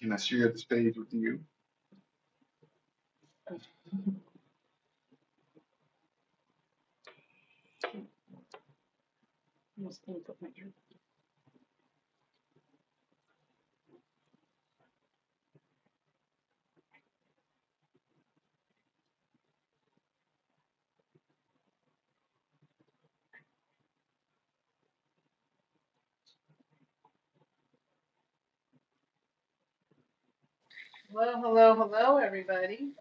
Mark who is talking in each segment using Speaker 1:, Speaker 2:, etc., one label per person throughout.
Speaker 1: Can I share the stage with you? Well, hello, hello, everybody.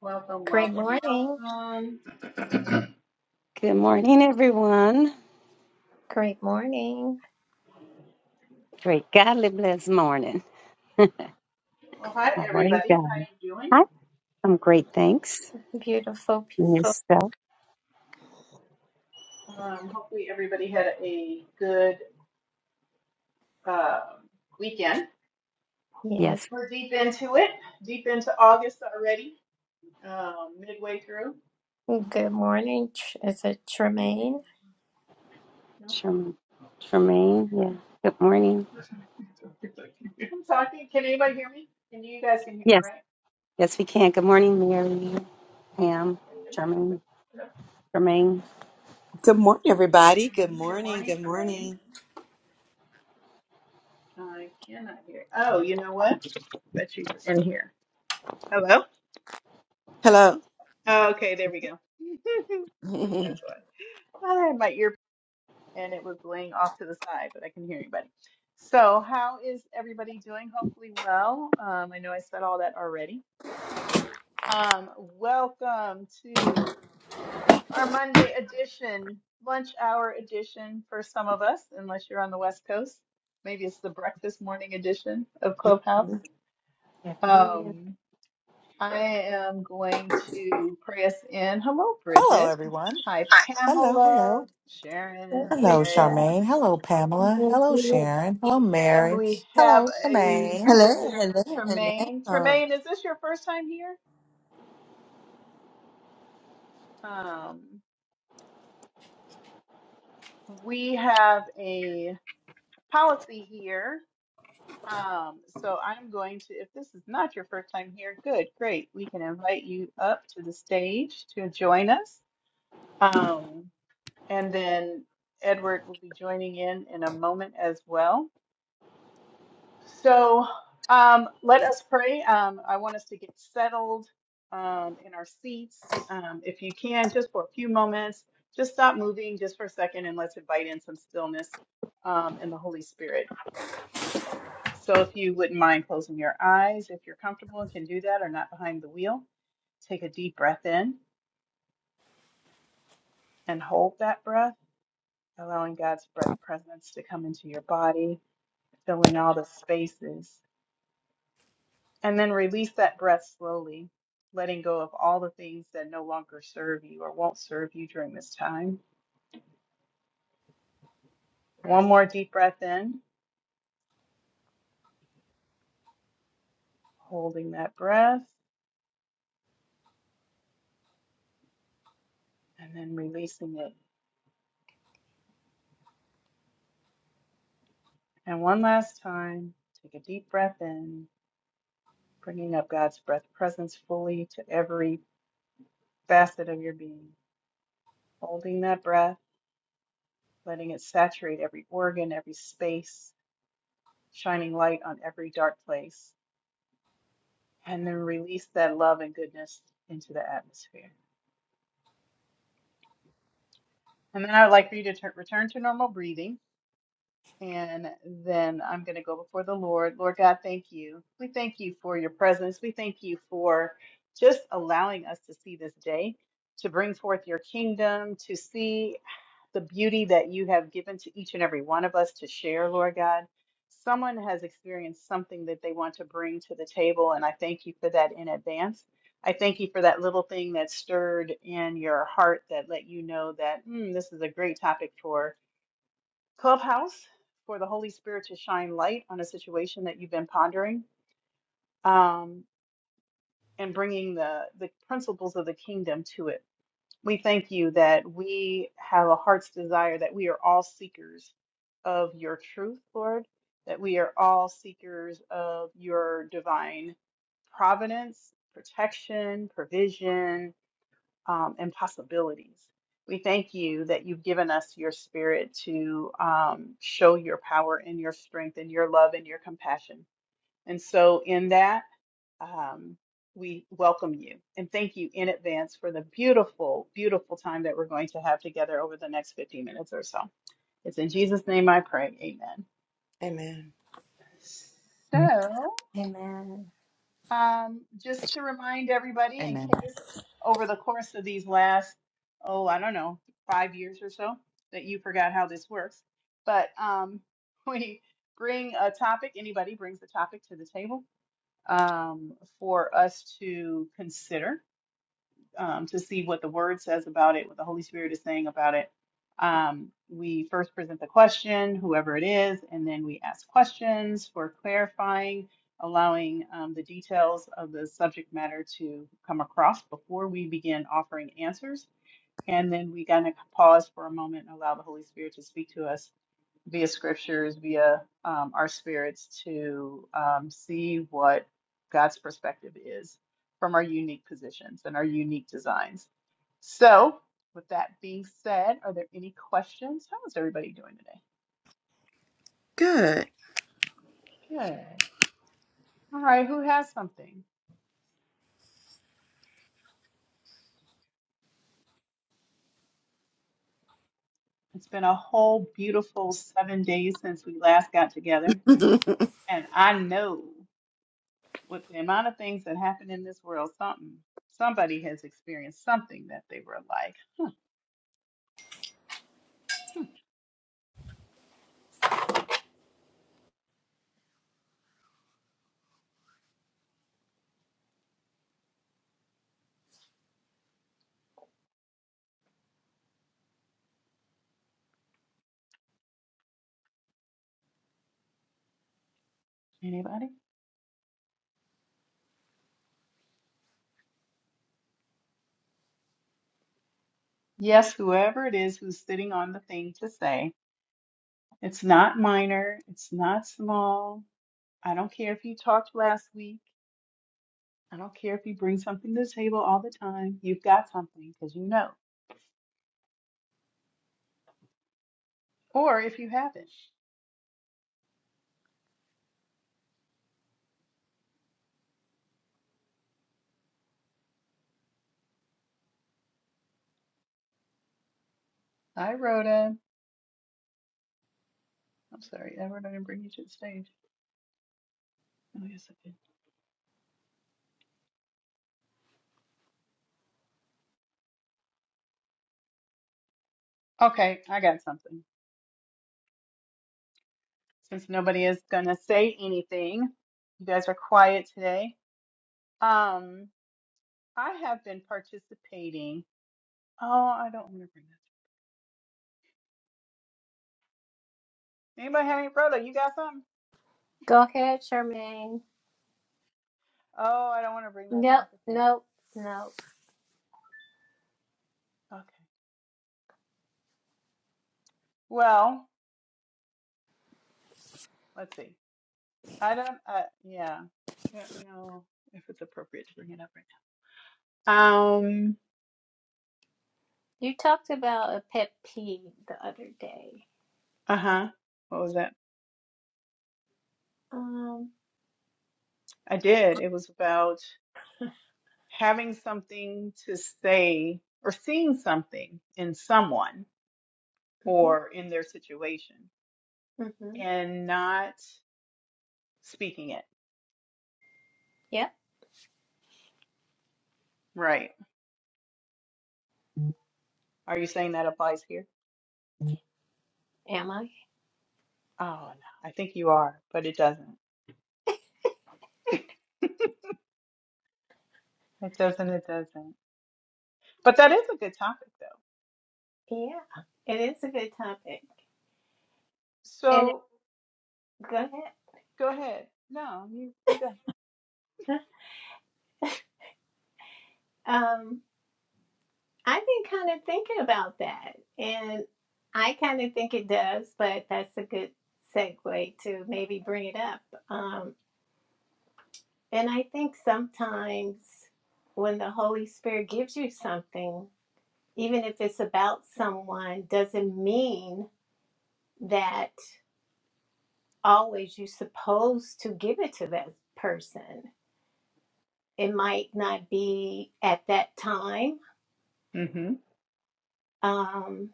Speaker 1: Welcome,
Speaker 2: Great
Speaker 1: welcome,
Speaker 2: morning.
Speaker 1: welcome.
Speaker 3: Good morning, everyone.
Speaker 2: Great morning.
Speaker 3: Great godly blessed morning.
Speaker 1: Well, hi,
Speaker 3: How are you
Speaker 1: everybody. How
Speaker 3: guys?
Speaker 1: you doing?
Speaker 3: Hi. I'm great, thanks.
Speaker 2: Beautiful
Speaker 3: And
Speaker 2: people.
Speaker 3: yourself?
Speaker 1: Um, hopefully, everybody had a good uh, weekend.
Speaker 2: Yes.
Speaker 3: Yes.
Speaker 1: We're deep into it, deep into August already, um, midway through.
Speaker 2: Good morning. Tr- Is it Tremaine?
Speaker 1: No,
Speaker 3: Trem- Tremaine, yeah. Good morning.
Speaker 1: I'm talking. Can anybody hear me? Can you, guys can hear me,
Speaker 3: Yes.
Speaker 1: right?
Speaker 3: Yes, we can. Good morning, Mary, Pam, Tremaine.
Speaker 1: Good
Speaker 3: Tremaine.
Speaker 4: Good morning, everybody. Good
Speaker 1: morning, good
Speaker 4: morning.
Speaker 1: morning,
Speaker 4: Good
Speaker 1: Tremaine.
Speaker 4: morning.
Speaker 1: I cannot hear. Oh, you know what? Bet she's in here. Hello?
Speaker 4: Hello.
Speaker 1: Oh, okay, there we go. That's
Speaker 4: Hello,
Speaker 1: why. I had my ear and it was laying off to the side, but I can hear anybody. So, how is everybody doing? Hopefully, well. Um, I know I said all that already. Um, welcome to our Monday edition, lunch hour edition for some of us, unless you're on the West Coast. Maybe it's the breakfast morning edition of Clubhouse.
Speaker 3: Yes, it
Speaker 1: Um, I am going to press in. Hello,
Speaker 5: Hello,
Speaker 1: Bridget.
Speaker 5: everyone.
Speaker 1: Hi,
Speaker 5: Hello, hello.
Speaker 1: Pamela, Sharon,
Speaker 5: Hello,
Speaker 1: Marion,
Speaker 2: Richard.
Speaker 5: Charmaine. Hello, Pamela. Hello,
Speaker 3: is.
Speaker 1: and,
Speaker 5: Sharon. Hello,
Speaker 1: and
Speaker 5: Mary.
Speaker 1: we have
Speaker 5: Hello,
Speaker 1: a
Speaker 5: Charmaine.
Speaker 1: visitor,
Speaker 4: hello,
Speaker 1: Tremaine.
Speaker 4: hello.
Speaker 1: Tremaine, is this your first time here? Um, we have a policy here. Um, so I'm going to, if this is not your first time here, good, great. We can invite you up to the stage to join us. Um, And then Edward will be joining in in a moment as well. So um, let us pray. Um, I want us to get settled um, in our seats. Um, if you can, just for a few moments, just stop moving just for a second and let's invite in some stillness um, and the Holy Spirit. So if you wouldn't mind closing your eyes, if you're comfortable and can do that or not behind the wheel, take a deep breath in and hold that breath, allowing God's breath presence to come into your body filling all the spaces. And then release that breath slowly, letting go of all the things that no longer serve you or won't serve you during this time. One more deep breath in, holding that breath, and then releasing it. And one last time, take a deep breath in, bringing up God's breath presence fully to every facet of your being. Holding that breath, letting it saturate every organ, every space, shining light on every dark place. and then release that love and goodness into the atmosphere. And then I would like for you to tur- return to normal breathing. And then I'm going to go before the Lord. Lord God, thank you. We thank you for your presence. We thank you for just allowing us to see this day, to bring forth your kingdom, to see. the beauty that you have given to each and every one of us to share, Lord God. Someone has experienced something that they want to bring to the table, and I thank you for that in advance. I thank you for that little thing that stirred in your heart that let you know that "Hmm, this is a great topic for Clubhouse, for the Holy Spirit to shine light on a situation that you've been pondering um, and bringing the, the principles of the kingdom to it. We thank you that we have a heart's desire that we are all seekers of your truth, Lord, that we are all seekers of your divine providence, protection, provision, um, and possibilities. We thank you that you've given us your spirit to um, show your power and your strength and your love and your compassion. And so, in that, um, we welcome you and thank you in advance for the beautiful, beautiful time that we're going to have together over the next 15 minutes or so. It's in Jesus' name I pray. Amen.
Speaker 4: Amen.
Speaker 1: So,
Speaker 2: Amen.
Speaker 1: um, just to remind everybody, in
Speaker 5: Amen.
Speaker 1: case over the course of these last, oh, I don't know, five years or so, that you forgot how this works, but um, we bring a topic, anybody brings a topic to the table um, for us to consider um, to see what the word says about it, what the Holy Spirit is saying about it. Um, we first present the question, whoever it is, and then we ask questions for clarifying, allowing um, the details of the subject matter to come across before we begin offering answers. And then we kind of pause for a moment and allow the Holy Spirit to speak to us via scriptures, via um, our spirits to um, see what God's perspective is from our unique positions and our unique designs. So, with that being said, are there any questions? How is everybody doing today?
Speaker 4: Good.
Speaker 1: Good. All right, who has something? It's been a whole beautiful seven days since we last got together. And I know with the amount of things that happen in this world, something somebody has experienced something that they were like, hmm, anybody? Yes, whoever it is who's sitting on the thing to say. It's not minor. It's not small. I don't care if you talked last week. I don't care if you bring something to the table all the time. You've got something because you know. Or if you haven't. Hi, Rhoda. I'm sorry, Edward, I didn't bring you to the stage. Oh, yes, I did. Okay, I got something. Since nobody is going to say anything, you guys are quiet today. Um, I have been participating. Oh, I don't want to bring this. Anybody have any Rhoda? You got something?
Speaker 2: Go ahead, Tremaine.
Speaker 1: Oh, I don't want to bring that
Speaker 2: Nope,
Speaker 1: topic up.
Speaker 2: nope, nope.
Speaker 1: Okay. Well, let's see. I don't. Uh, yeah. I don't know if it's appropriate to bring it up right now. Um.
Speaker 2: You talked about a pet peeve the other day.
Speaker 1: Uh huh. What was that?
Speaker 2: Um,
Speaker 1: I did. It was about having something to say or seeing something in someone
Speaker 2: hmm
Speaker 1: or in their situation
Speaker 2: hmm
Speaker 1: and not speaking it.
Speaker 2: Yep.
Speaker 1: Right. Are you saying that applies here?
Speaker 2: Am I?
Speaker 1: Oh no, I think you are, but it doesn't. It doesn't, it doesn't. But that is a good topic though.
Speaker 2: Yeah. It is a good topic. And
Speaker 1: So
Speaker 2: go ahead.
Speaker 1: go ahead. No, you you go.
Speaker 2: Um, I've been kind of thinking about that, and I kind of think it does, but that's a good segue to maybe bring it up. Um, and I think sometimes when the Holy Spirit gives you something, even if it's about someone, doesn't mean that always you're supposed to give it to that person. It might not be at that time,
Speaker 1: hmm
Speaker 2: um,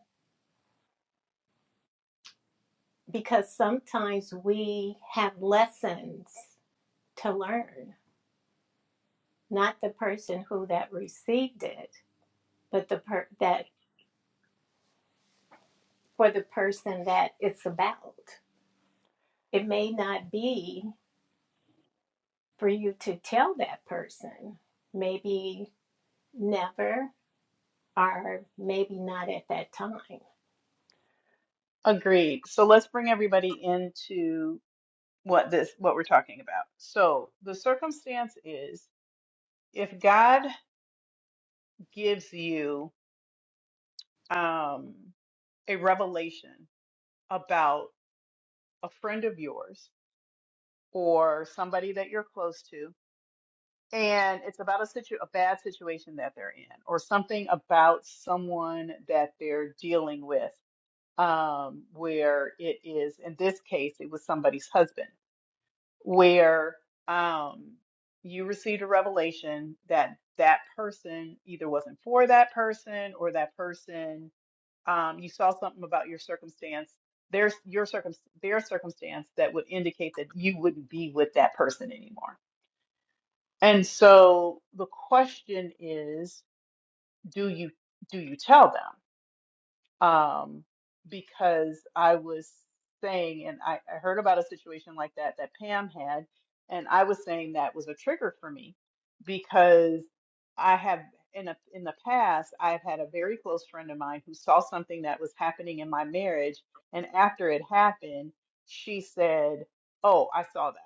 Speaker 2: because sometimes we have lessons to learn, not the person who that received it, but the per- that for the person that it's about. It may not be for you to tell that person, maybe never, or maybe not at that time.
Speaker 1: Agreed. So let's bring everybody into what this what we're talking about. So the circumstance is if God gives you um a revelation about a friend of yours or somebody that you're close to and it's about a situ a bad situation that they're in or something about someone that they're dealing with um where it is in this case it was somebody's husband where um you received a revelation that that person either wasn't for that person or that person um you saw something about your circumstance there's your circum their circumstance that would indicate that you wouldn't be with that person anymore and so the question is, do you do you tell them? Um, because I was saying, and I, I heard about a situation like that that Pam had, and I was saying that was a trigger for me because I have in a, in the past I've had a very close friend of mine who saw something that was happening in my marriage, and after it happened, she said, "Oh, I saw that.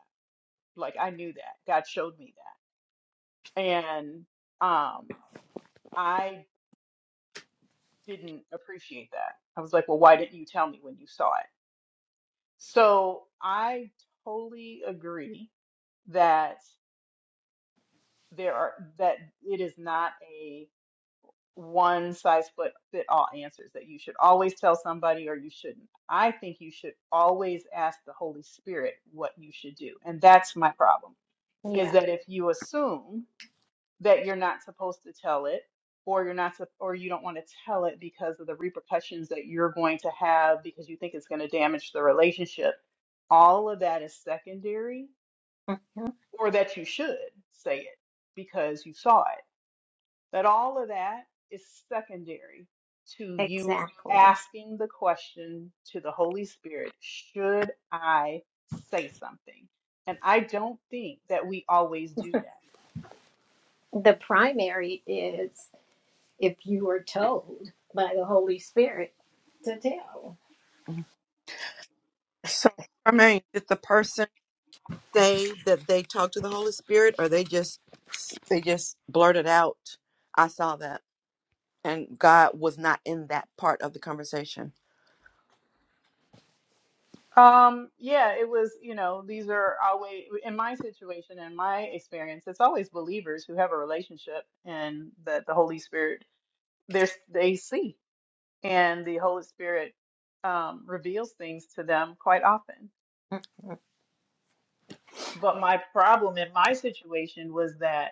Speaker 1: Like I knew that. God showed me that." And um, I didn't appreciate that. I was like, well, why didn't you tell me when you saw it? So I totally agree that there are that it is not a one size fit fit all answers that you should always tell somebody or you shouldn't. I think you should always ask the Holy Spirit what you should do. And that's my problem is
Speaker 2: Yeah,
Speaker 1: that if you assume that you're not supposed to tell it or you're not sup- or you don't want to tell it because of the repercussions that you're going to have because you think it's going to damage the relationship all of that is secondary
Speaker 2: Mhm.
Speaker 1: or that you should say it because you saw it But all of that is secondary to you
Speaker 2: Exactly.
Speaker 1: asking the question to the holy spirit should i say something and i don't think that we always do that
Speaker 2: the primary is if you were told by the Holy Spirit. To tell.
Speaker 4: So, I mean, did the person say that they talked to the Holy Spirit, or they just they just blurted out? I saw that, and God was not in that part of the conversation.
Speaker 1: Um, yeah, it was, you know, these are always, in my situation, in my experience, it's always believers who have a relationship and that the Holy Spirit, there's, they see, and the Holy Spirit um, reveals things to them quite often. But my problem in my situation was that.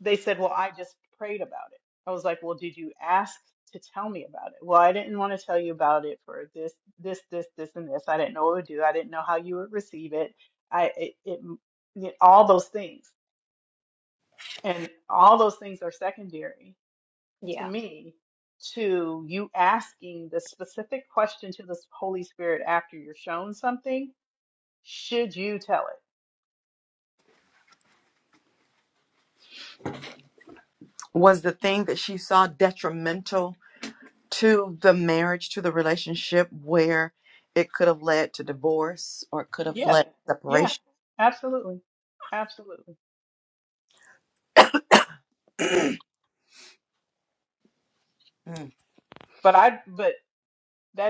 Speaker 1: they said, Well, I just prayed about it. I was like, Well, did you ask to tell me about it? Well, I didn't want to tell you about it for this, this, this, this, and this. I didn't know what it would do. I didn't know how you would receive it. I, it, it, it all those things. And all those things are secondary to
Speaker 2: Yeah,
Speaker 1: me to you asking the specific question to the Holy Spirit after you're shown something. Should you tell it?
Speaker 4: Was the thing that she saw detrimental? to the marriage, to the relationship where it could have led to divorce or it could have
Speaker 1: Yeah.
Speaker 4: led to
Speaker 1: Yeah.
Speaker 4: separation.
Speaker 1: Absolutely. Absolutely.
Speaker 4: Mm.
Speaker 1: But I, but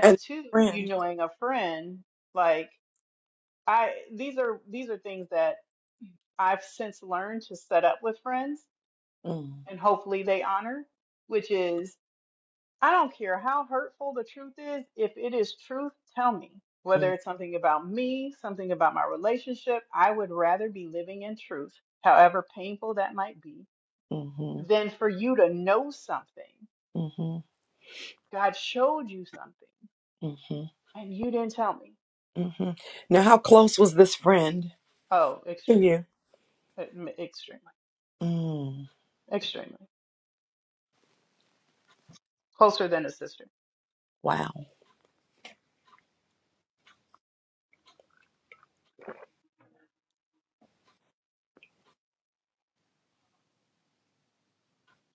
Speaker 4: and
Speaker 1: too you
Speaker 4: friend.
Speaker 1: knowing a friend like i these are these are things that i've since learned to set up with friends
Speaker 4: Mm,
Speaker 1: and hopefully they honor which is i don't care how hurtful the truth is if it is truth tell me whether
Speaker 4: mm,
Speaker 1: it's something about me something about my relationship i would rather be living in truth however painful that might be
Speaker 4: mhm,
Speaker 1: than for you to know something
Speaker 4: mhm,
Speaker 1: god showed you something
Speaker 4: mhm,
Speaker 1: and you didn't tell me
Speaker 4: mhm. Now, how close was this friend
Speaker 1: oh
Speaker 4: to
Speaker 1: extremely
Speaker 4: you?
Speaker 1: extremely.
Speaker 4: Mm,
Speaker 1: Extremely. Closer than a sister.
Speaker 4: wow.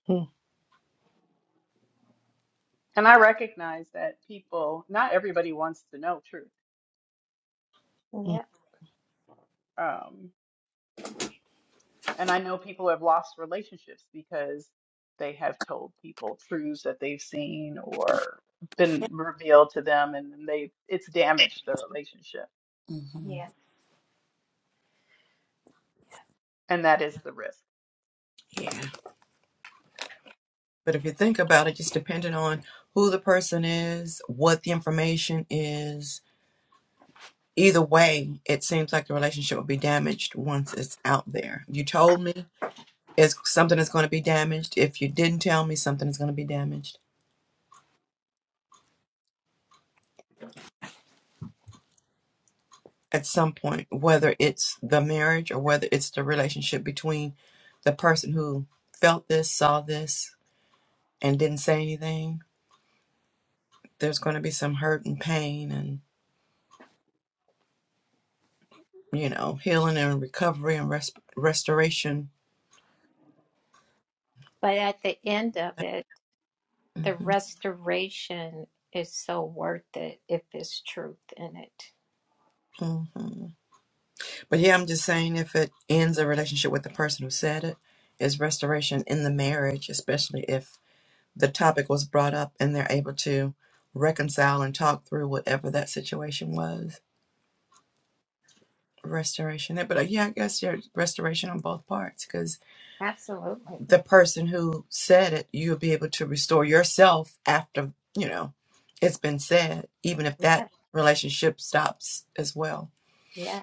Speaker 4: Mm,
Speaker 1: And I recognize that people, not everybody wants to know truth.
Speaker 4: mm,
Speaker 2: yeah,
Speaker 1: Um, and I know people have lost relationships because they have told people truths that they've seen or been revealed to them and then they it's damaged the relationship.
Speaker 4: mhm.
Speaker 2: yeah,
Speaker 1: And that is the risk.
Speaker 4: Yeah. But if you think about it, just depending on who the person is, what the information is, either way, it seems like the relationship will be damaged once it's out there. You told me, is something is going to be damaged. If you didn't tell me, something is going to be damaged at some point, whether it's the marriage or whether it's the relationship between the person who felt this, saw this, and didn't say anything. There's going to be some hurt and pain and, you know, healing and recovery and res- restoration.
Speaker 2: But at the end of it. The
Speaker 4: hmm
Speaker 2: restoration is so worth it if there's truth in it.
Speaker 4: hmm But yeah, I'm just saying if it ends a relationship with the person who said it, is restoration in the marriage, especially if the topic was brought up and they're able to reconcile and talk through whatever that situation was restoration but uh, yeah i guess your restoration on both parts because
Speaker 2: Absolutely.
Speaker 4: the person who said it you'll be able to restore yourself after you know it's been said even if
Speaker 2: Yeah.
Speaker 4: that relationship stops as well
Speaker 2: yeah.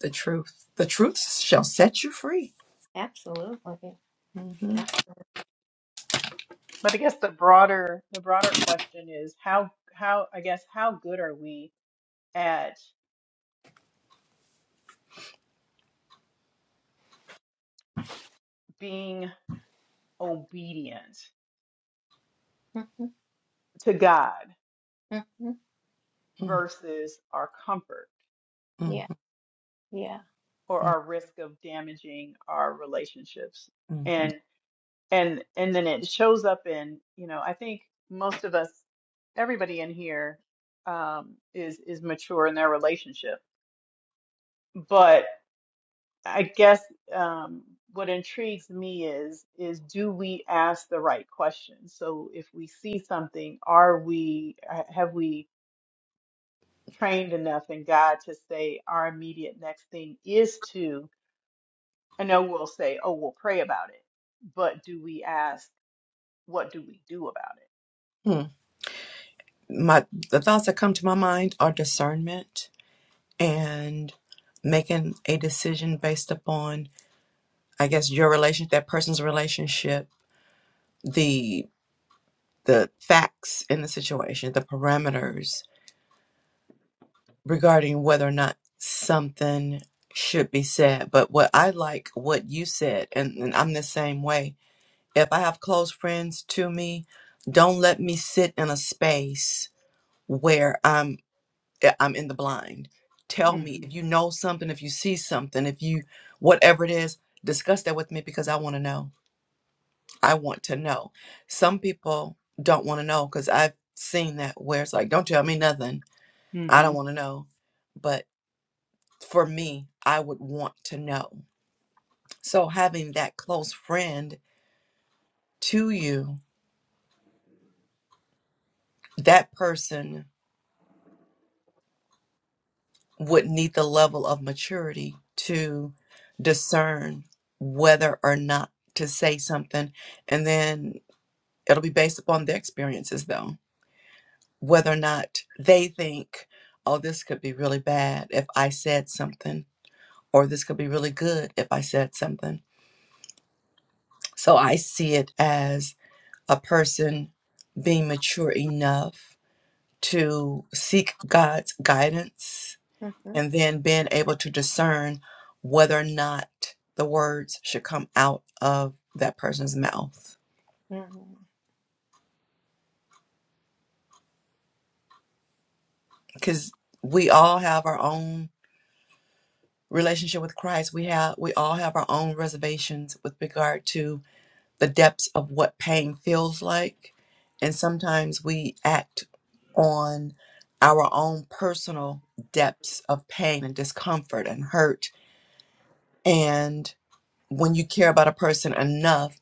Speaker 4: the truth the truth shall set you free
Speaker 2: Absolutely.
Speaker 4: hmm
Speaker 2: Yeah.
Speaker 1: But I guess the broader the broader question is how how I guess how good are we at being obedient
Speaker 2: hmm
Speaker 1: to God
Speaker 2: hmm
Speaker 4: hmm
Speaker 1: versus our comfort?
Speaker 4: hmm
Speaker 2: Yeah. Yeah.
Speaker 1: or
Speaker 4: hmm
Speaker 1: our risk of damaging our relationships
Speaker 4: hmm,
Speaker 1: and and and then it shows up in you know i think most of us everybody in here um is is mature in their relationship but i guess um what intrigues me is is do we ask the right questions so if we see something are we ha- have we trained enough in god to say our immediate next thing is to I know we'll say, oh, we'll pray about it, but do we ask, what do we do about
Speaker 4: hmm. My the thoughts that come to my mind are discernment and making a decision based upon i guess your relation that person's relationship the the facts in the situation the parameters regarding whether or not something should be said but what i like what you said and, and i'm the same way if i have close friends to me don't let me sit in a space where I'm. I- I'm in the blind.
Speaker 1: it?
Speaker 4: Tell me if you
Speaker 1: Mm-hmm.
Speaker 4: know something, if you see something, if you whatever it is, discuss that with me because I want to know. I want to know. Some people don't want to know because I've seen that where it's like, don't tell me nothing. I
Speaker 1: Mm-hmm.
Speaker 4: don't want to know. But for me, I would want to know. So having that close friend to you, that person would need the level of maturity to discern whether or not to say something. And then it'll be based upon their experiences, though, whether or not they think, oh, this could be really bad if I said something, or this could be really good if I said something. So I see it as a person being mature enough to seek God's guidance
Speaker 2: hmm
Speaker 4: and then being able to discern whether or not the words should come out of that person's mouth
Speaker 2: hmm
Speaker 4: because we all have our own relationship with christ we have we all have our own reservations with regard to the depths of what pain feels like and sometimes we act on our own personal depths of pain and discomfort and hurt and when you care about a person enough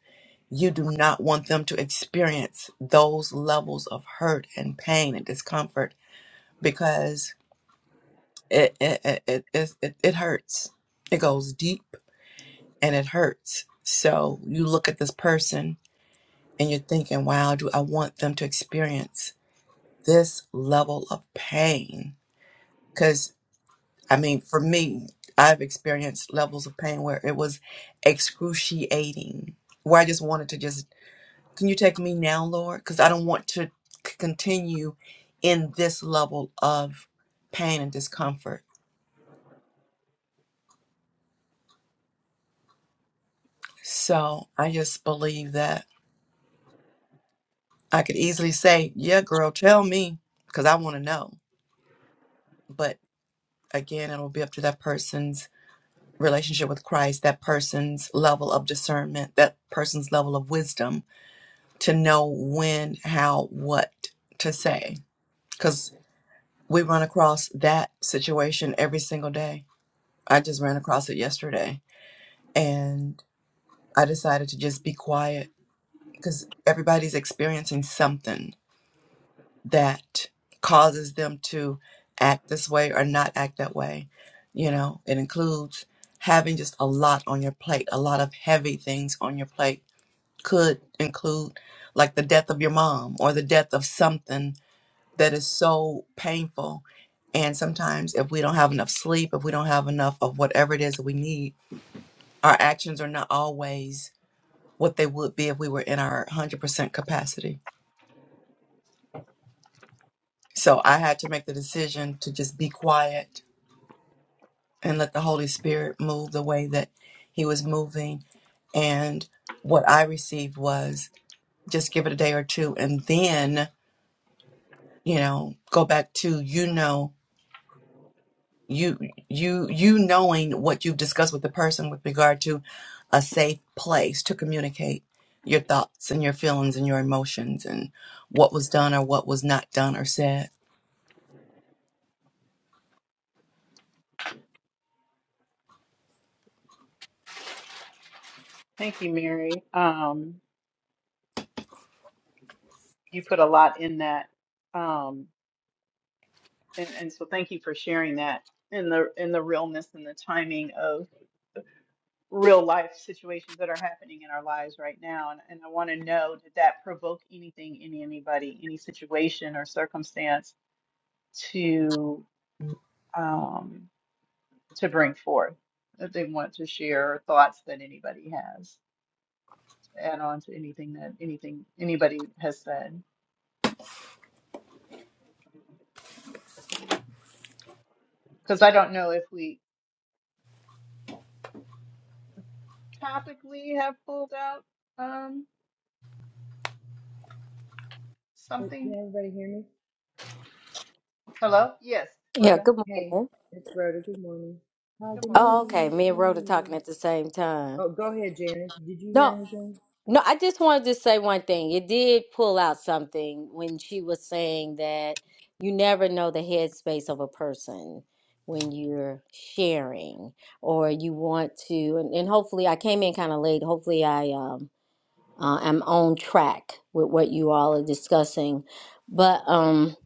Speaker 4: You do not want them to experience those levels of hurt and pain and discomfort because it it it it, it, it it hurts. It goes deep and it hurts. So you look at this person and you're thinking, "Wow, do I want them to experience this level of pain?" Because I mean, for me, I've experienced levels of pain where it was excruciating, where I just wanted to just Can you take me now, Lord? Because I don't want to c- continue in this level of pain and discomfort. So I just believe that I could easily say, Yeah, girl, tell me, because I want to know. But again, it'll be up to that person's relationship with Christ, that person's level of discernment, that person's level of wisdom to know when, how, what to say. Because we run across that situation every single day. I just ran across it yesterday and I decided to just be quiet because everybody's experiencing something that causes them to act this way or not act that way. You know, it includes having just a lot on your plate, a lot of heavy things on your plate could include like the death of your mom or the death of something that is so painful. And sometimes if we don't have enough sleep, if we don't have enough of whatever it is that we need, our actions are not always what they would be if we were in our 100% capacity. So I had to make the decision to just be quiet and let the Holy Spirit move the way that He was moving. And what I received was just give it a day or two and then, you know, go back to, you know, you you you knowing what you've discussed with the person with regard to a safe place to communicate your thoughts and your feelings and your emotions and what was done or what was not done or said.
Speaker 1: Thank you, Mary. Um, you put a lot in that, um, and, and so thank you for sharing that in the in the realness and the timing of real life situations that are happening in our lives right now. And, and I want to know did that provoke anything in anybody, any situation or circumstance to? um, to bring forth if they want to share thoughts that anybody has to add on to anything that anything anybody has said because i don't know if we topically have pulled out um
Speaker 6: Uh, Can
Speaker 1: something
Speaker 6: everybody hear me?
Speaker 1: hello yes
Speaker 7: Yeah,
Speaker 1: rhoda
Speaker 7: good
Speaker 6: Hey,
Speaker 7: morning.
Speaker 6: it's Rhoda. Good morning. Hi,
Speaker 1: good
Speaker 6: good morning,
Speaker 1: morning
Speaker 7: Oh, okay.
Speaker 6: Janice.
Speaker 7: Me and
Speaker 6: Good
Speaker 7: Rhoda
Speaker 6: morning,
Speaker 7: talking
Speaker 6: everyone.
Speaker 7: at the same time.
Speaker 6: Oh, go ahead, Janice. Did you hear
Speaker 7: No,
Speaker 6: anything?
Speaker 7: no, I just wanted to say one thing. It did pull out something when she was saying that you never know the headspace of a person when you're sharing or you want to. And, and hopefully, I came in kind of late. Hopefully, I um uh, am on track with what you all are discussing. But um,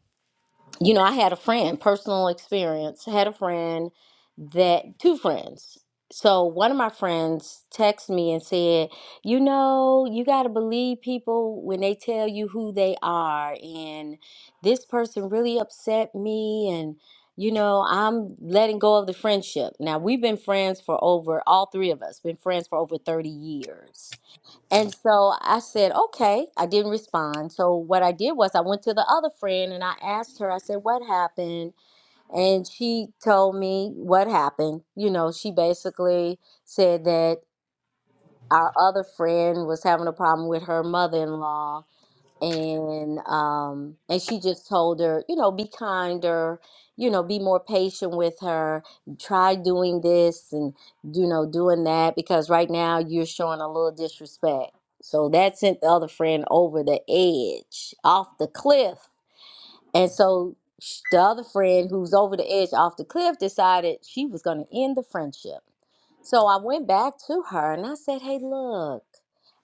Speaker 7: you know, I had a friend, personal experience, had a friend that, two friends. So one of my friends texted me and said, You know, you got to believe people when they tell you who they are. And this person really upset me. And, you know, I'm letting go of the friendship. Now, we've been friends for over, all three of us, been friends for over 30 years. And so I said, okay. I didn't respond. So what I did was I went to the other friend and I asked her, I said, what happened? And she told me what happened. You know, she basically said that our other friend was having a problem with her mother in law and um and she just told her you know be kinder you know be more patient with her try doing this and you know doing that because right now you're showing a little disrespect so that sent the other friend over the edge off the cliff and so sh- the other friend who's over the edge off the cliff decided she was going to end the friendship so I went back to her and I said, "Hey, look,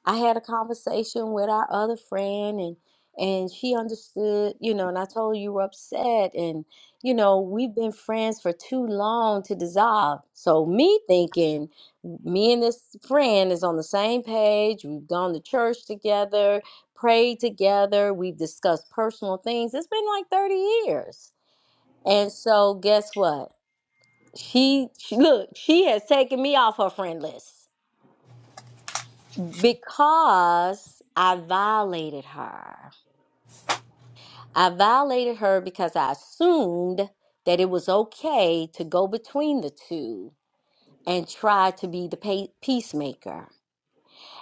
Speaker 7: I had a conversation with our other friend and and she understood, you know, and I told her you were upset and you know, we've been friends for too long to dissolve." So me thinking me and this friend is on the same page. We've gone to church together, prayed together, we've discussed personal things. It's been like 30 years. And so guess what? She, she look, she has taken me off her friend list because I violated her. I violated her because I assumed that it was okay to go between the two and try to be the pa- peacemaker.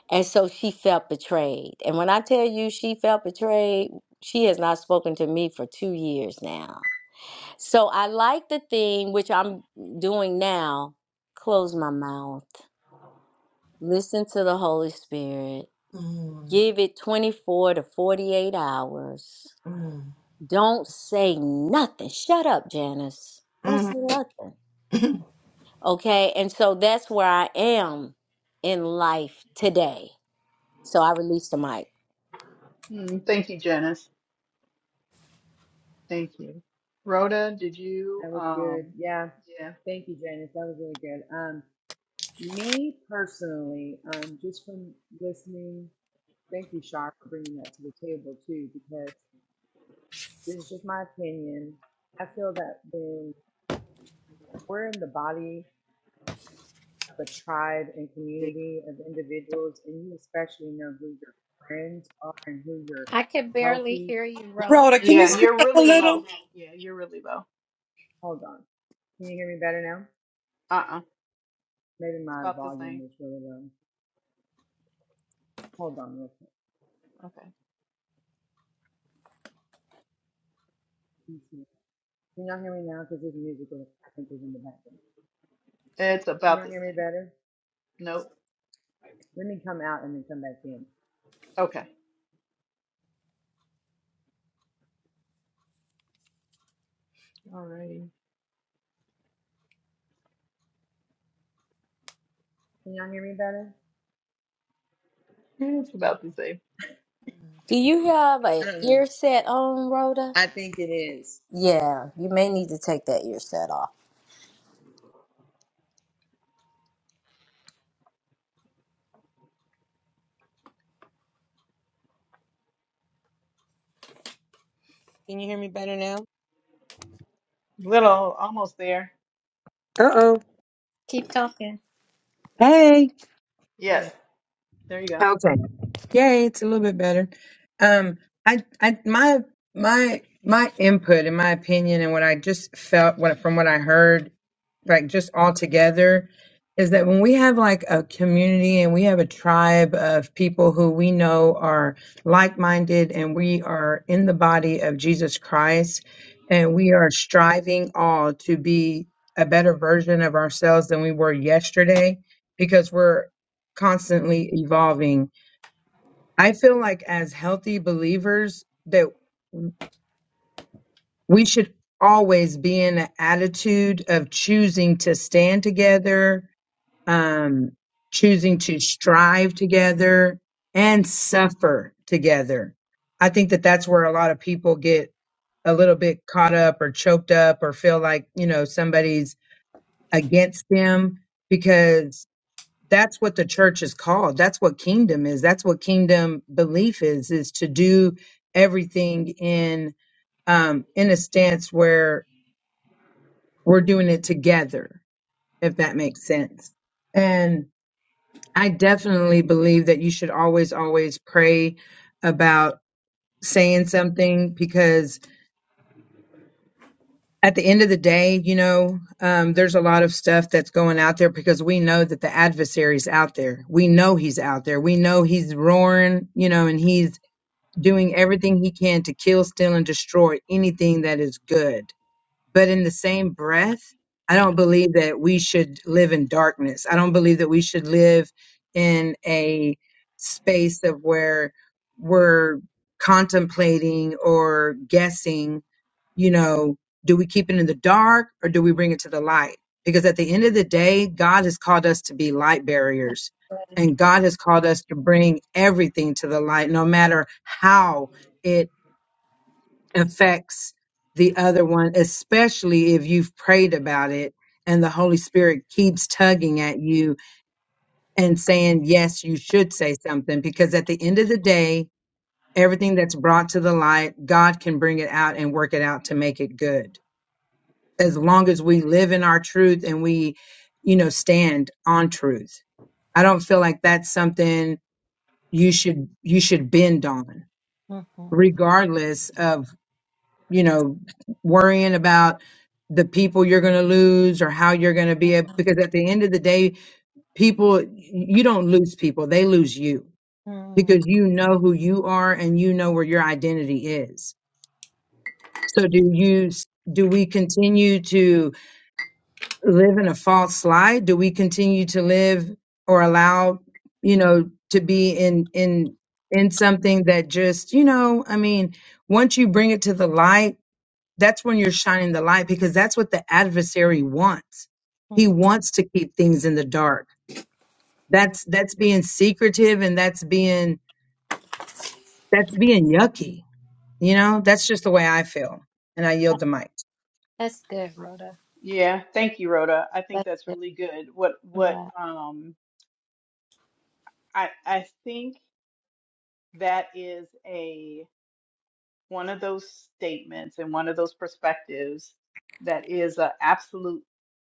Speaker 7: And so she felt betrayed. And when I tell you she felt betrayed, she has not spoken to me for 2 years now. So I like the thing which I'm doing now, close my mouth. Listen to the Holy Spirit. Give it 24 to 48 hours.
Speaker 4: Mm.
Speaker 7: Don't say nothing. Shut up, Janice. Don't
Speaker 4: mm
Speaker 7: say nothing. Okay. And so that's where I am in life today. So I released the mic.
Speaker 1: Hmm, thank you janice thank you rhoda did you
Speaker 6: That was good.
Speaker 1: um
Speaker 6: Yeah.
Speaker 1: yeah
Speaker 6: Thank you, Janice. That was really good. Um, me personally, um, just from listening, thank you, Shar, for bringing that to the table too, because this is just my opinion. I feel that when we're in the body of a tribe and community of individuals, and you especially know who your friends are and who your
Speaker 2: I could barely
Speaker 6: healthy.
Speaker 2: hear you, Rhoda.
Speaker 4: Rhoda, can you
Speaker 1: yeah
Speaker 4: speak
Speaker 1: you're
Speaker 4: up a
Speaker 1: really
Speaker 4: little?
Speaker 1: low yeah you're really low
Speaker 6: Hold on. Can you hear me better now?
Speaker 1: uh-uh
Speaker 6: Maybe
Speaker 1: it's
Speaker 6: my
Speaker 1: about the
Speaker 6: volume
Speaker 1: same
Speaker 6: was really low. Hold on real quick.
Speaker 1: okay
Speaker 6: Can y'all hear me now? Because this music was, I think was in the background.
Speaker 1: it's
Speaker 6: Can
Speaker 1: about
Speaker 6: y'all
Speaker 1: the
Speaker 6: hear me
Speaker 1: same
Speaker 6: better?
Speaker 1: nope
Speaker 6: Let me come out and then come back in.
Speaker 1: okay Alrighty.
Speaker 6: Can y'all hear me better?
Speaker 1: it's about the same
Speaker 7: Do
Speaker 4: Mm.
Speaker 7: you have
Speaker 6: I
Speaker 7: a
Speaker 6: don't know.
Speaker 7: ear set on, Rhoda?
Speaker 6: I think it is.
Speaker 7: Yeah. You may need to take that ear set off.
Speaker 6: Can you hear me better now?
Speaker 1: Little, almost there.
Speaker 6: Uh oh.
Speaker 2: Keep talking.
Speaker 6: Hey.
Speaker 4: Yeah.
Speaker 1: Yes. There you go.
Speaker 6: Okay. Yay, it's a little bit better. Um, I, I, my, my, my input and my opinion and what I just felt, what from what I heard, like just all together, is that when we have like a community and we have a tribe of people who we know are like-minded and we are in the body of Jesus Christ, and we are striving all to be a better version of ourselves than we were yesterday, because we're constantly evolving I feel like as healthy believers that we should always be in an attitude of choosing to stand together, um, choosing to strive together and suffer together. I think that that's where a lot of people get a little bit caught up or choked up or feel like, you know, somebody's against them because that's what the church is called that's what kingdom is that's what kingdom belief is is to do everything in um in a stance where we're doing it together if that makes sense and i definitely believe that you should always always pray about saying something because at the end of the day you know um, there's a lot of stuff that's going out there because we know that the adversary's out there we know he's out there we know he's roaring you know and he's doing everything he can to kill, steal, and destroy anything that is good. But in the same breath, I don't believe that we should live in darkness. I don't believe that we should live in a space of where we're contemplating or guessing you know, do we keep it in the dark or do we bring it to the light? Because at the end of the day, God has called us to be light barriers and God has called us to bring everything to the light, no matter how it affects the other one, especially if you've prayed about it and the Holy Spirit keeps tugging at you and saying, yes, you should say something. Because at the end of the day, everything that's brought to the light, God can bring it out and work it out to make it good. as long as we live in our truth and we, you know, stand on truth. I don't feel like that's something you should you should bend on,
Speaker 2: hmm
Speaker 6: regardless of you know worrying about the people you're going to lose or how you're going to be. ab- Because at the end of the day, people you don't lose people; they lose you
Speaker 2: hmm
Speaker 6: because you know who you are and you know where your identity is. So do you? Do we continue to? live in a false lie? Do we continue to live or allow, you know, to be in in in something that just, you know, I mean, once you bring it to the light, that's when you're shining the light because that's what the adversary wants.
Speaker 2: hmm
Speaker 6: He wants to keep things in the dark. That's that's being secretive and that's being that's being yucky. You know, that's just the way I feel. And I yield the mic.
Speaker 2: That's good, Rhoda.
Speaker 1: Yeah, thank you, Rhoda. I think
Speaker 2: That's
Speaker 1: that's
Speaker 2: good.
Speaker 1: really good. What what
Speaker 2: Yeah.
Speaker 1: um I I think that is a one of those statements and one of those perspectives that is a absolute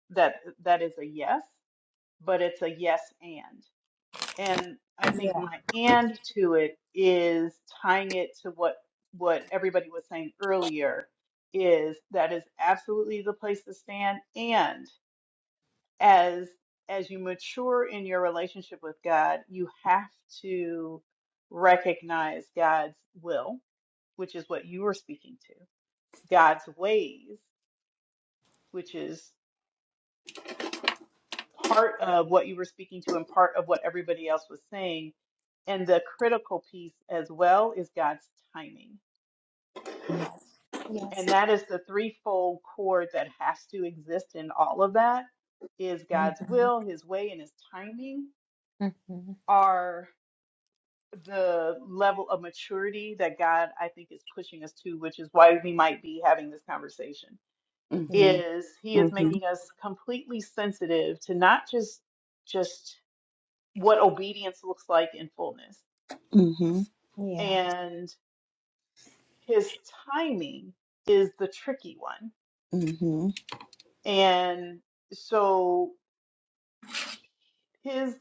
Speaker 1: that that is a yes, but it's a yes and. And I think
Speaker 2: Yeah.
Speaker 1: my and to it is tying it to what what everybody was saying earlier is that is absolutely the place to stand. And as as you mature in your relationship with God, you have to recognize God's will, which is what you were speaking to, God's ways, which is part of what you were speaking to and part of what everybody else was saying. And the critical piece as well is God's timing.
Speaker 2: Yes. Yes.
Speaker 1: And that is the threefold cord that has to exist in all of that is
Speaker 2: hmm
Speaker 1: God's will, his way, and his timing
Speaker 2: hmm
Speaker 1: are the level of maturity that God I think is pushing us to, which is why we might be having this conversation.
Speaker 2: Yeah.
Speaker 4: Mhm.
Speaker 1: Is he is
Speaker 4: hmm
Speaker 1: making us completely sensitive to not just just what obedience looks like in fullness.
Speaker 4: Mhm.
Speaker 2: Yeah.
Speaker 1: And his timing is the tricky one.
Speaker 4: hmm
Speaker 1: And so his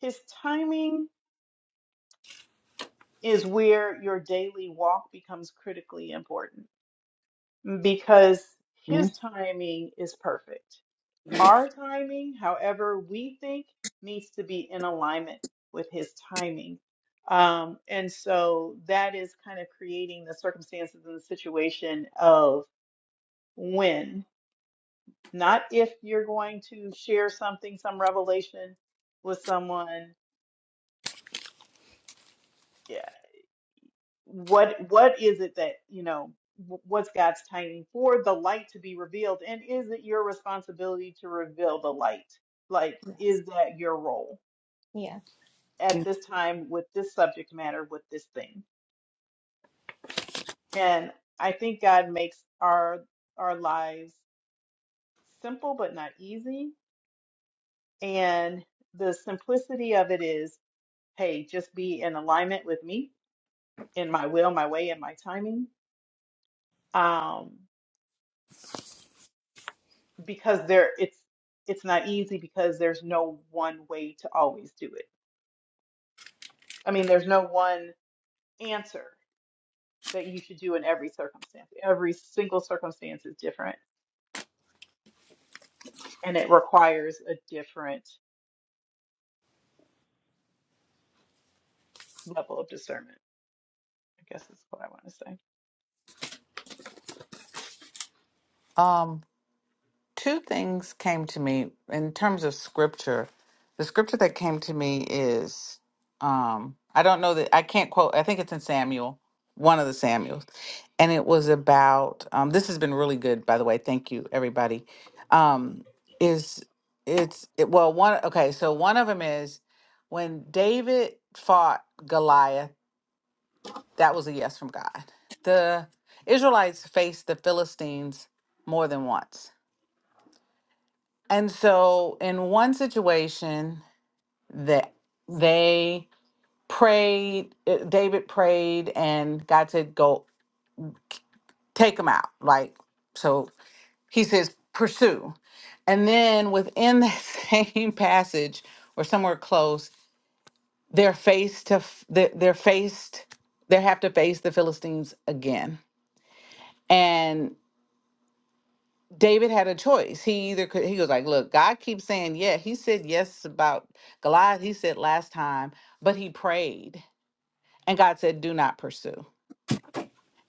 Speaker 1: his timing is where your daily walk becomes critically important because his timing is perfect. Our timing, however, we think needs to be in alignment with his timing. Um, and so that is kind of creating the circumstances and the situation of when, not if you're going to share something, some revelation with someone. Yeah. What what is it that, you know, wh- what's God's timing for the light to be revealed? And is it your responsibility to reveal the light? Like,
Speaker 2: Yes.
Speaker 1: is that your role?
Speaker 2: Yeah.
Speaker 1: at this time with this subject matter with this thing. And I think God makes our our lives simple but not easy. And the simplicity of it is, hey, just be in alignment with me in my will, my way, and my timing. Um, because there it's it's not easy because there's no one way to always do it. I mean, there's no one answer that you should do in every circumstance. Every single circumstance is different and it requires a different level of discernment. I guess is what I want to say.
Speaker 5: Um. two things came to me in terms of scripture. The scripture that came to me is um I don't know that I can't quote I think it's in Samuel, one of the Samuels. And it was about um this has been really good by the way. Thank you everybody. Um is it's it, well one okay, so one of them is when David fought Goliath, that was a yes from God. The Israelites faced the Philistines more than once and so, in one situation, that they prayed, uh, David prayed, and God said, "Go take him out." Like so, he says, "Pursue." And then within that same passage, or somewhere close, they're faced to f- they're they're faced. They have to face the Philistines again, and David had a choice. He either could, he was like, Look, God keeps saying, Yeah. He said yes about Goliath. He said last time, but he prayed. And God said, Do not pursue.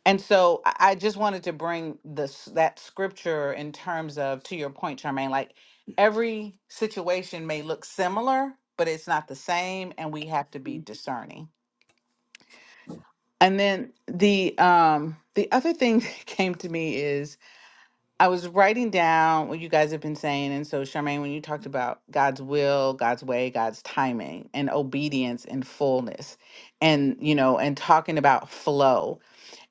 Speaker 5: And so I I just wanted to bring this that scripture in terms of to your point, Charmaine, like every situation may look similar, but it's not the same, and we have to be discerning. And then the um the other thing that came to me is I was writing down what you guys have been saying. And so, Charmaine, when you talked about God's will, God's way, God's timing, and obedience and fullness, and, you know, and talking about flow.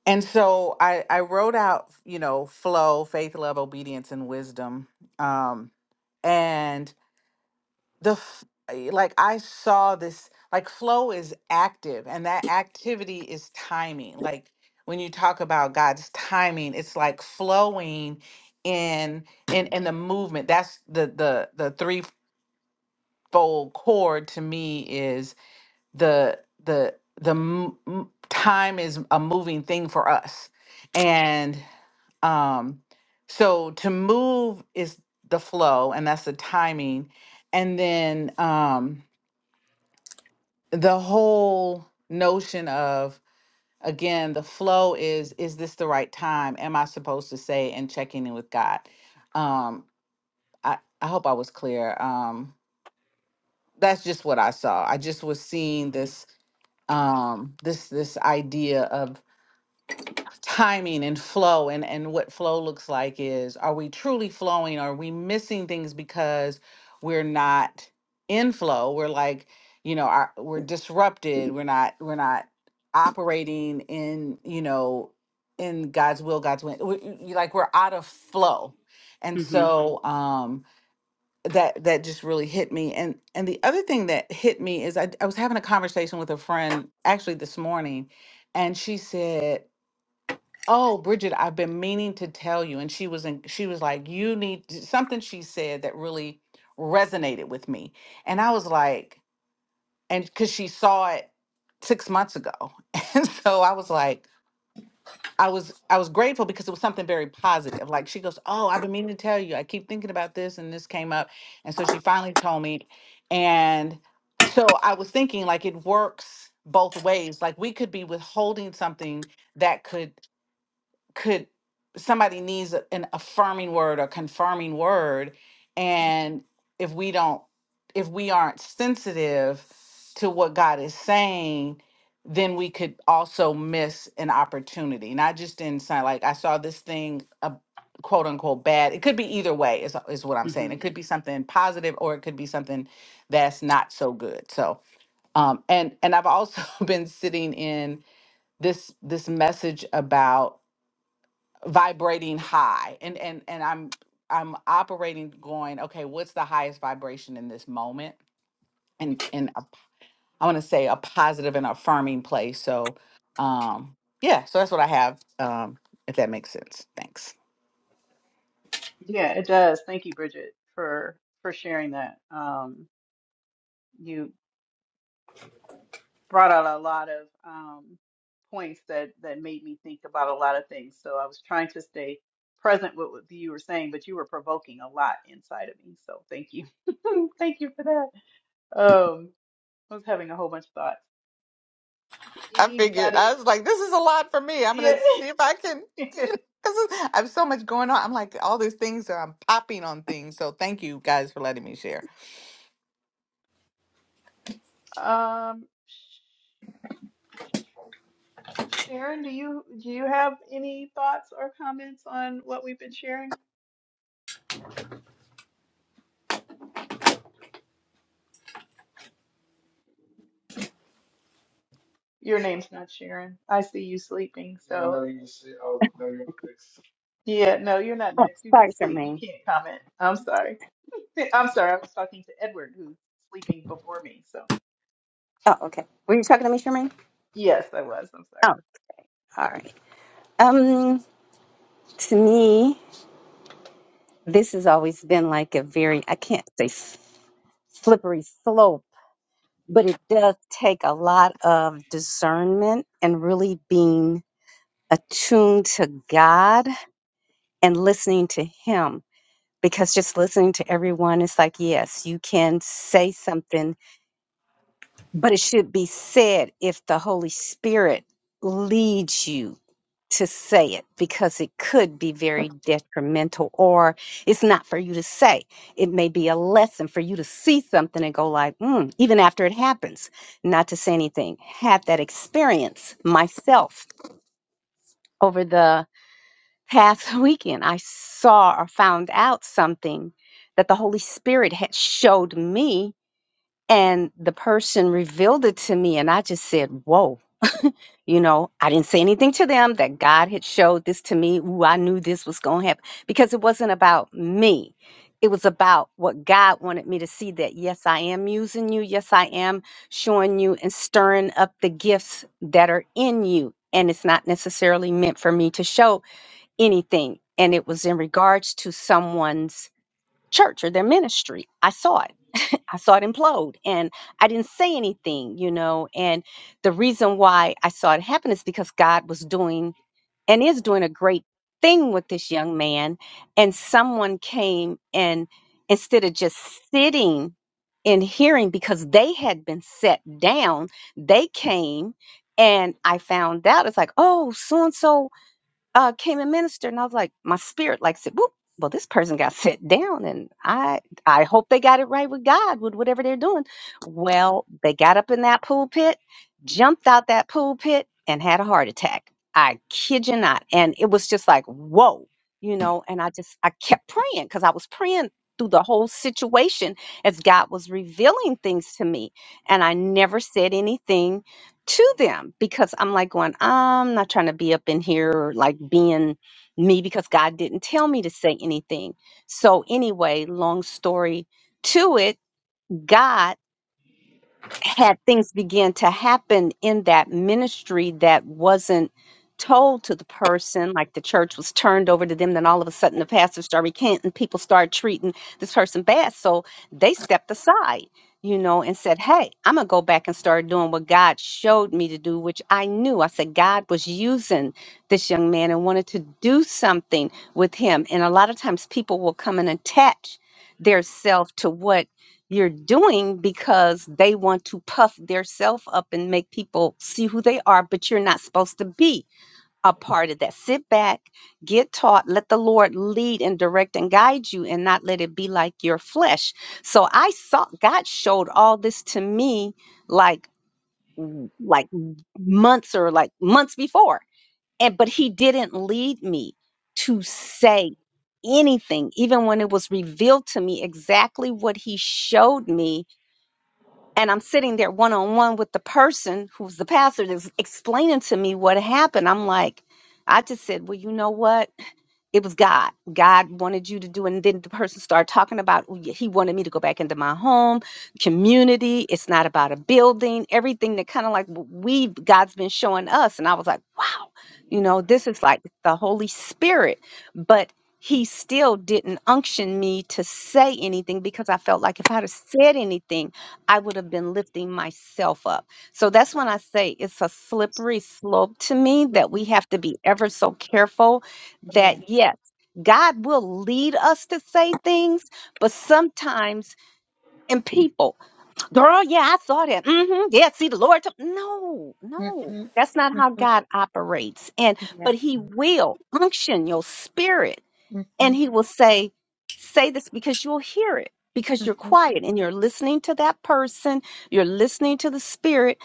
Speaker 5: And so I, I wrote out, you know, flow, faith, love, obedience, and wisdom. Um, and the f- eh, like I saw this like flow is active and that activity is timing. Like when you talk about God's timing, it's like flowing in in in the movement. That's the the the threefold chord to me is the the the m- m- time is a moving thing for us. And um so to move is the flow and that's the timing and then um the whole notion of again the flow is is this the right time am i supposed to say and checking in with god um i i hope i was clear um that's just what i saw i just was seeing
Speaker 1: hmm
Speaker 5: this um this this idea of. timing and flow and and what flow looks like is are we truly flowing are we missing things because we're not in flow we're like you know our, we're disrupted we're not we're not operating in you know in god's will god's way we- y- like we're out of flow and Mhm.
Speaker 1: hmm
Speaker 5: so um that that just really hit me and and the other thing that hit me is i, I was having a conversation with a friend actually this morning and she said Oh, Bridget, I've been meaning to tell you. And she was in, she was like, you need to-" something she said that really resonated with me. And I was like, and because she saw it six months ago. And so I was like, I was I was grateful because it was something very positive. Like she goes, Oh, I've been meaning to tell you. I keep thinking about this and this came up. And so she finally told me. And so I was thinking like it works both ways. Like we could be withholding something that could could somebody needs a- an affirming word or confirming word and if we don't if we aren't sensitive to what god is saying then we could also miss an opportunity not just in sign like i saw this thing a quote unquote bad it could be either way is, is what i'm saying
Speaker 1: hmm
Speaker 5: it could be something positive or it could be something that's not so good so um and and i've also been sitting in this this message about vibrating high and and and i'm i'm operating going okay what's the highest vibration in this moment and and a- i want to say a positive and affirming place so um yeah so that's what i have um if that makes sense thanks
Speaker 1: Yeah, it does. Thank you, Bridget, for for sharing that. Um, you brought out a lot of um, points that that made me think about a lot of things. So I was trying to stay present with what you were saying, but you were provoking a lot inside of me. So thank you, thank you for that. Um, I was having a whole bunch of thoughts.
Speaker 5: I figured I
Speaker 1: Anybody?
Speaker 5: was like, this is a lot for me. I'm
Speaker 1: Yeah.
Speaker 5: gonna see if I can, you know, because I have so much going on. I'm like, all these things are I'm popping on things. So thank you guys for letting me share.
Speaker 1: Um, Sh- Sharon, do you do you have any thoughts or comments on what we've been sharing? Your name's not Sharon. I see you sleeping, No, so no, you see, oh, no, you're the next. yeah, no, you're not
Speaker 3: Oh,
Speaker 1: next. You've been
Speaker 3: sorry,
Speaker 1: asleep. You
Speaker 3: Tremaine.
Speaker 1: can't comment. I'm sorry. I'm sorry. I was talking to Edward, who's sleeping before me. So
Speaker 3: Oh, okay. Were you talking to me, Tremaine?
Speaker 1: yes, I was. I'm sorry.
Speaker 3: Oh, all right. Um, to me, this has always been like a very, I can't say s- slippery slope but it does take a lot of discernment and really being attuned to God and listening to Him. Because just listening to everyone is like, yes, you can say something, but it should be said if the Holy Spirit leads you to say it because it could be very detrimental or it's not for you to say. It may be a lesson for you to see something and go like, mm, even after it happens, not to say anything. Had that experience myself over the past weekend. I saw or found out something that the Holy Spirit had showed me and the person revealed it to me and I just said, whoa you know, I didn't say anything to them that God had showed this to me. Ooh, I knew this was going to happen because it wasn't about me. It was about what God wanted me to see that, yes, I am using you. Yes, I am showing you and stirring up the gifts that are in you. And it's not necessarily meant for me to show anything. And it was in regards to someone's church or their ministry. I saw it. I saw it implode and I didn't say anything, you know. And the reason why I saw it happen is because God was doing and is doing a great thing with this young man. And someone came and instead of just sitting and hearing because they had been set down, they came and I found out it's like, oh, so and so uh, came and ministered, and I was like, my spirit like said, "Whoop! Well, this person got set down, and I I hope they got it right with God with whatever they're doing." Well, they got up in that pool pit, jumped out that pool pit, and had a heart attack. I kid you not, and it was just like, whoa, you know. And I just I kept praying because I was praying through the whole situation as God was revealing things to me, and I never said anything to them because I'm like going, I'm not trying to be up in here or like being me because God didn't tell me to say anything. So anyway, long story to it, God had things begin to happen in that ministry that wasn't told to the person, like the church was turned over to them, then all of a sudden the pastor started recanting, people started treating this person bad. So they stepped aside, you know, and said, Hey, I'm gonna go back and start doing what God showed me to do, which I knew. I said God was using this young man and wanted to do something with him. And a lot of times people will come and attach their self to what you're doing because they want to puff their up and make people see who they are, but you're not supposed to be a part of that. Sit back, get taught, let the Lord lead and direct and guide you and not let it be like your flesh. So I saw God showed all this to me like w- like months or like months before. And but he didn't lead me to say anything even when it was revealed to me exactly what he showed me and I'm sitting there one on one with the person who's the pastor that's explaining to me what happened. I'm like, I just said, well, you know what? it was God. God wanted you to do, and then the person started talking about "Oh, yeah, he wanted me to go back into my home, community. It's not about a building. Everything that kind of like w- we God's been showing us, and I was like, wow, you know, this is like the Holy Spirit, but He still didn't unction me to say anything because I felt like if I'd have said anything, I would have been lifting myself up. So that's when I say it's a slippery slope to me that we have to be ever so careful
Speaker 2: Yeah.
Speaker 3: that yes, God will lead us to say things, but sometimes and people, girl, yeah, I saw that. hmm Yeah, see the Lord. told-" No, no,
Speaker 2: Mm-hmm.
Speaker 3: that's not how
Speaker 2: Mm-hmm.
Speaker 3: God operates. And
Speaker 2: Yeah.
Speaker 3: but He will unction your spirit
Speaker 2: hmm
Speaker 3: and he will say, Say this because you'll hear it, because you're
Speaker 2: hmm
Speaker 3: quiet and you're listening to that person, you're listening to the spirit,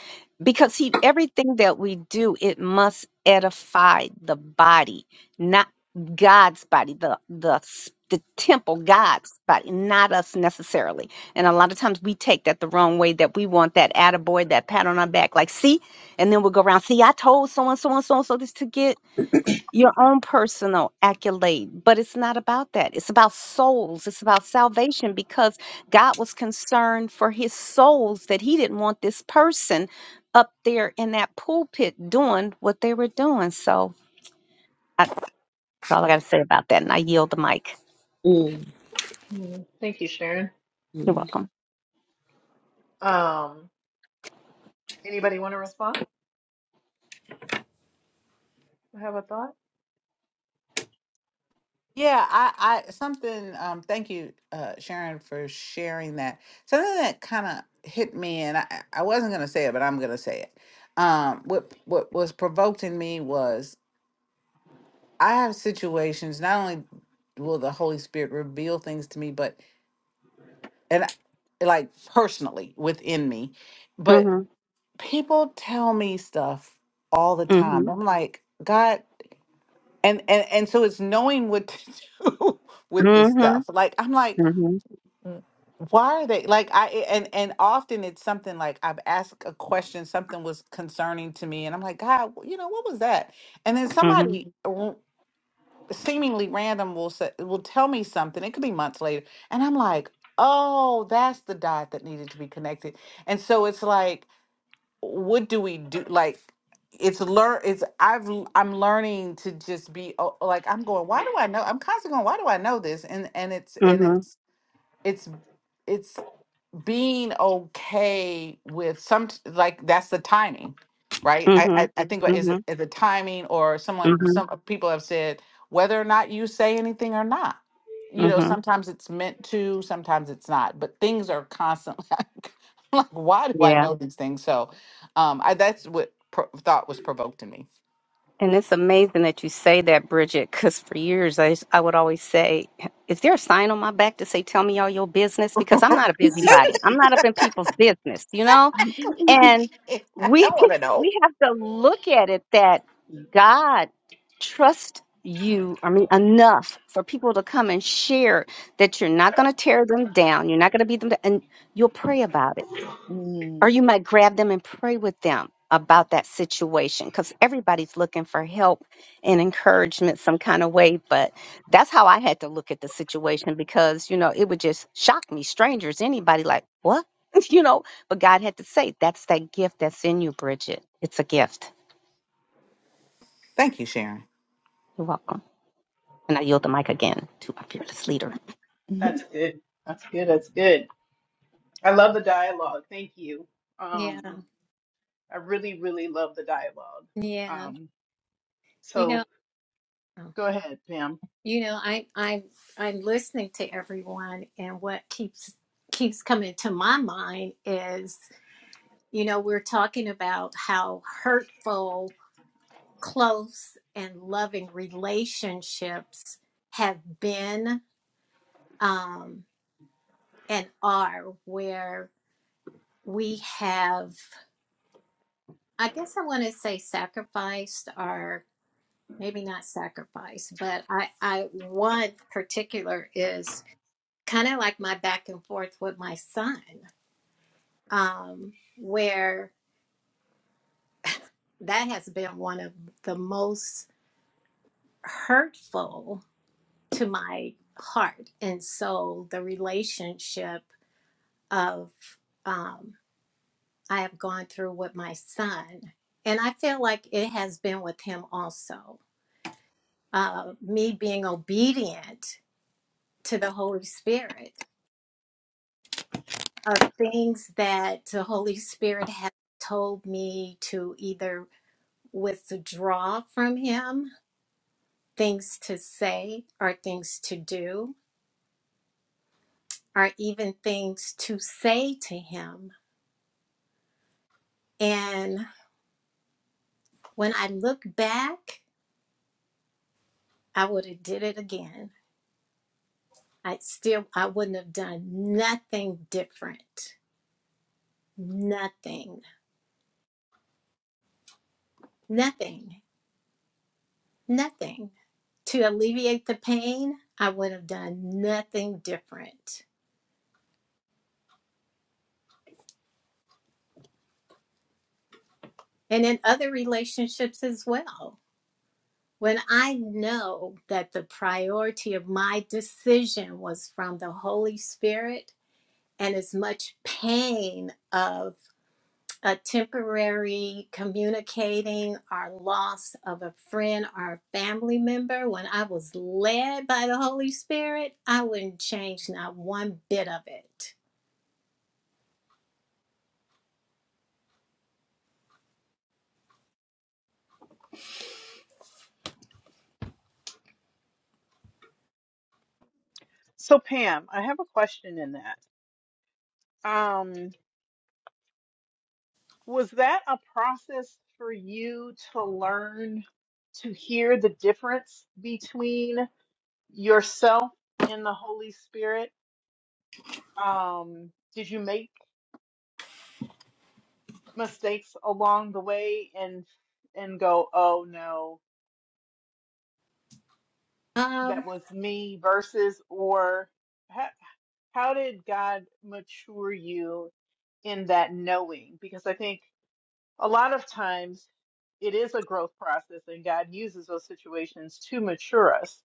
Speaker 3: because he everything that we do, it must edify the body, not God's body, the the s- the temple, God's body, not us necessarily. And a lot of times we take that the wrong way that we want that attaboy, that pat on our back, like, see, and then we'll go around, see, I told so and so and so and so this to get your own personal accolade, but it's not about that. It's about souls, it's about salvation because God was concerned for his souls that he didn't want this person up there in that pulpit doing what they were doing. So I, that's all I got to say about that. And I yield the mic.
Speaker 1: Mm, thank you, Sharon.
Speaker 3: You're welcome.
Speaker 1: Um, anybody want to respond? or Have a thought?
Speaker 5: Yeah, I, I something um thank you uh Sharon for sharing that. Something that kind of hit me and I I I wasn't going to say it but I'm going to say it. Um what what was provoked in me was I have situations not only will the Holy Spirit reveal things to me but and I- like personally within me, but
Speaker 3: Mhm.
Speaker 5: people tell me stuff all the
Speaker 3: hmm.
Speaker 5: time. I'm like, God and and and so it's knowing what to do with this
Speaker 3: Mhm.
Speaker 5: stuff. Like I'm like
Speaker 3: hmm.
Speaker 5: Mm. why are they like i eh, and and often it's something like i've asked a question something was concerning to me and i'm like god you know what was that and then
Speaker 3: Mm hmm.
Speaker 5: somebody r- seemingly random will say will tell me something it could be months later and i'm like oh that's the dot that needed to be connected and so it's like what do we do like it's learn it's i've l- i'm learning to just be oh, like i'm going why do i know i'm constantly going why do i know this and and it's
Speaker 3: Mm hmm. Mm
Speaker 5: and
Speaker 3: hmm.
Speaker 5: it's it's it's being okay with some like that's the timing right
Speaker 3: Mm
Speaker 5: i
Speaker 3: hmm.
Speaker 5: i, I think what is it
Speaker 3: Mm
Speaker 5: the timing or
Speaker 3: hmm.
Speaker 5: someone some people have said whether or not you say anything or not you
Speaker 3: Mm
Speaker 5: know
Speaker 3: hmm.
Speaker 5: sometimes it's meant to sometimes it's not but things are constantly like why do i know these things so um i that's what pro- thought was provoked in me
Speaker 3: And it's amazing that you say that, Bridget, because for years I, I would always say, Is there a sign on my back to say, Tell me all your business? Because I'm not a busybody. I'm not up in people's business, you know?
Speaker 5: Exactly.
Speaker 3: And
Speaker 5: i
Speaker 3: we
Speaker 5: don't want to know
Speaker 3: we have to look at it that God trusts you, I mean, enough for people to come and share that you're not going to tear them down. You're not going to beat them down. And you'll pray about it or
Speaker 4: Mhm.
Speaker 3: you might grab them and pray with them about that situation because everybody's looking for help and encouragement some kind of way but that's how i had to look at the situation because you know it would just shock me strangers anybody like what you know but god had to say that's that gift that's in you bridget it's a gift
Speaker 5: thank you sharon
Speaker 3: you're welcome and i yield the mic again to my fearless leader
Speaker 4: Mm-hmm.
Speaker 1: That's good. That's good. That's good. I love the dialogue. Thank you.
Speaker 2: Yeah,
Speaker 1: Um, I really, really love the dialogue.
Speaker 2: yeah.
Speaker 1: Um,
Speaker 2: You know,
Speaker 1: so go ahead, Pam.
Speaker 2: you know, I I I'm listening to everyone and what keeps keeps coming to my mind is, you know, we're talking about how hurtful, close and loving relationships have been um and are where we have I guess I want to say sacrificed maybe not sacrifice, but I, I one particular is kind of like my back and forth with my son, um, where that has been one of the most hurtful to my heart. And so the relationship of um, I have gone through with my son, and I feel like it has been with him also. Uh, me being obedient to the Holy Spirit of things that the Holy Spirit has told me to either withdraw from Him, things to say or things to do, or even things to say to Him. And when I look back, I would have did it again. I still I wouldn't have done nothing different. Nothing. Nothing. Nothing. To alleviate the pain, I would have done nothing different and in other relationships as well. When I know that the priority of my decision was from the Holy Spirit and as much pain of a temporary communicating our loss of a friend or a family member, when I was led by the Holy Spirit, I wouldn't change not one bit of it.
Speaker 1: So Pam, I have a question in that. Um, was that a process for you to learn to hear the difference between yourself and the Holy Spirit? Um, did you make mistakes along the way and and go, oh no,
Speaker 2: Um,
Speaker 1: that was me versus or? How did God mature you in that knowing? Because I think a lot of times it is a growth process, and God uses those situations to mature us.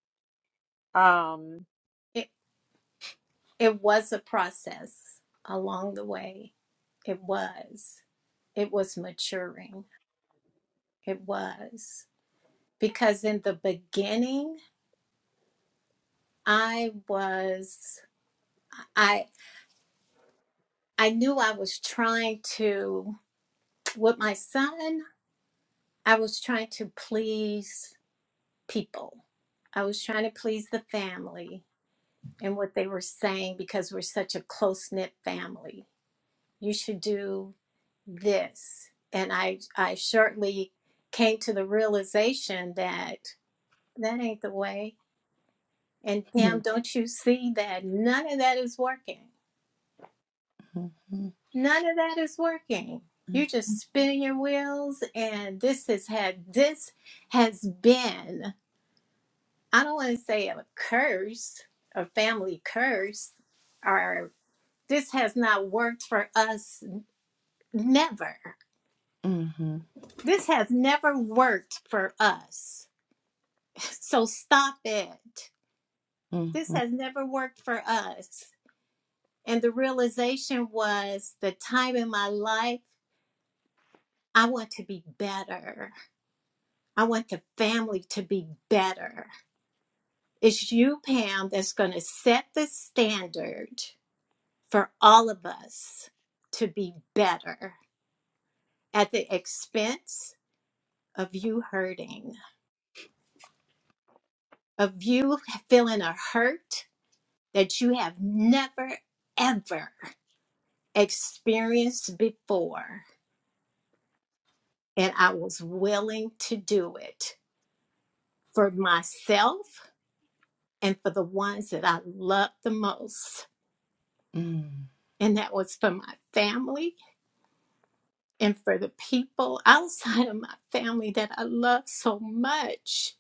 Speaker 1: Um,
Speaker 2: it, it was a process along the way. It was. it was maturing. It was because in the beginning, I was I I knew I was trying to with my son, I was trying to please people. I was trying to please the family and what they were saying because we're such a close-knit family. You should do this. And I I shortly came to the realization that that ain't the way And Pam,
Speaker 4: Mhm.
Speaker 2: don't you see that none of that is working?
Speaker 4: Mhm.
Speaker 2: None of that is working. You're
Speaker 4: Mhm.
Speaker 2: just spinning your wheels, and this has had this has been. I don't want to say a curse, a family curse, or this has not worked for us. Never.
Speaker 4: Mhm.
Speaker 2: This has never worked for us. So stop it. This
Speaker 4: Mhm.
Speaker 2: has never worked for us. And the realization was the time in my life I want to be better. I want the family to be better. It's you, Pam, that's going to set the standard for all of us to be better at the expense of you hurting, of you feeling a hurt that you have never, ever experienced before. And I was willing to do it for myself and for the ones that I love the most
Speaker 4: Mhm.
Speaker 2: And that was for my family and for the people outside of my family that I love so much.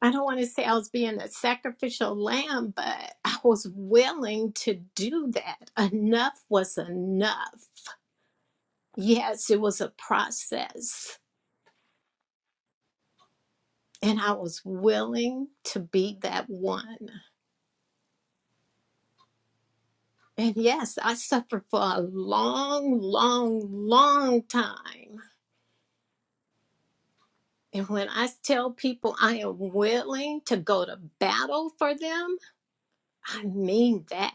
Speaker 2: I don't want to say I was being a sacrificial lamb, but I was willing to do that. Enough was enough. Yes, it was a process. And I was willing to be that one. And yes, I suffered for a long, long, long time And when I tell people I am willing to go to battle for them, I mean that.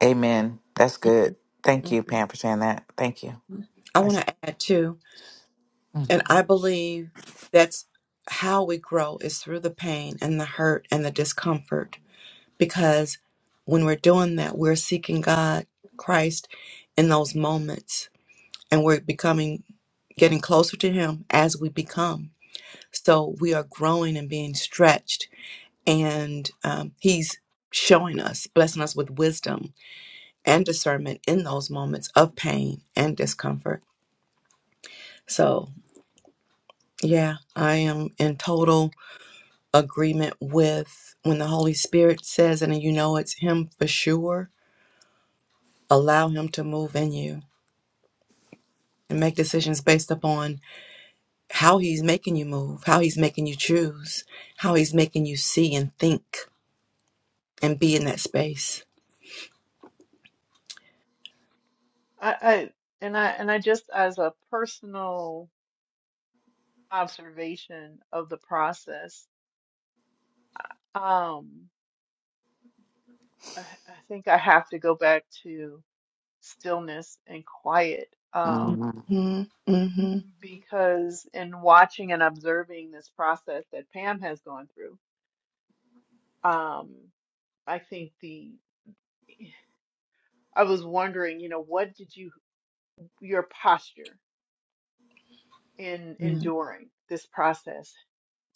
Speaker 5: Amen. That's good. Thank
Speaker 4: Mhm.
Speaker 5: you, Pam, for saying that. Thank you.
Speaker 4: I want
Speaker 5: That's,
Speaker 4: to add too, and I believe that's how we grow is through the pain and the hurt and the discomfort. Because when we're doing that, we're seeking God, Christ, in those moments. and we're becoming getting closer to him as we become so we are growing and being stretched and um, he's showing us blessing us with wisdom and discernment in those moments of pain and discomfort so yeah i am in total agreement with when the holy spirit says and you know it's him for sure allow him to move in you and make decisions based upon how he's making you move, how he's making you choose, how he's making you see and think and be in that space.
Speaker 1: I, I and I and I just as a personal observation of the process, um, I, I think I have to go back to stillness and quiet.
Speaker 4: hmm
Speaker 1: Um,
Speaker 5: Mhm.
Speaker 4: hmm
Speaker 1: because in watching and observing this process that Pam has gone through. Um, I think the I was wondering, you know, what did you your posture in
Speaker 4: Mhm.
Speaker 1: enduring this process?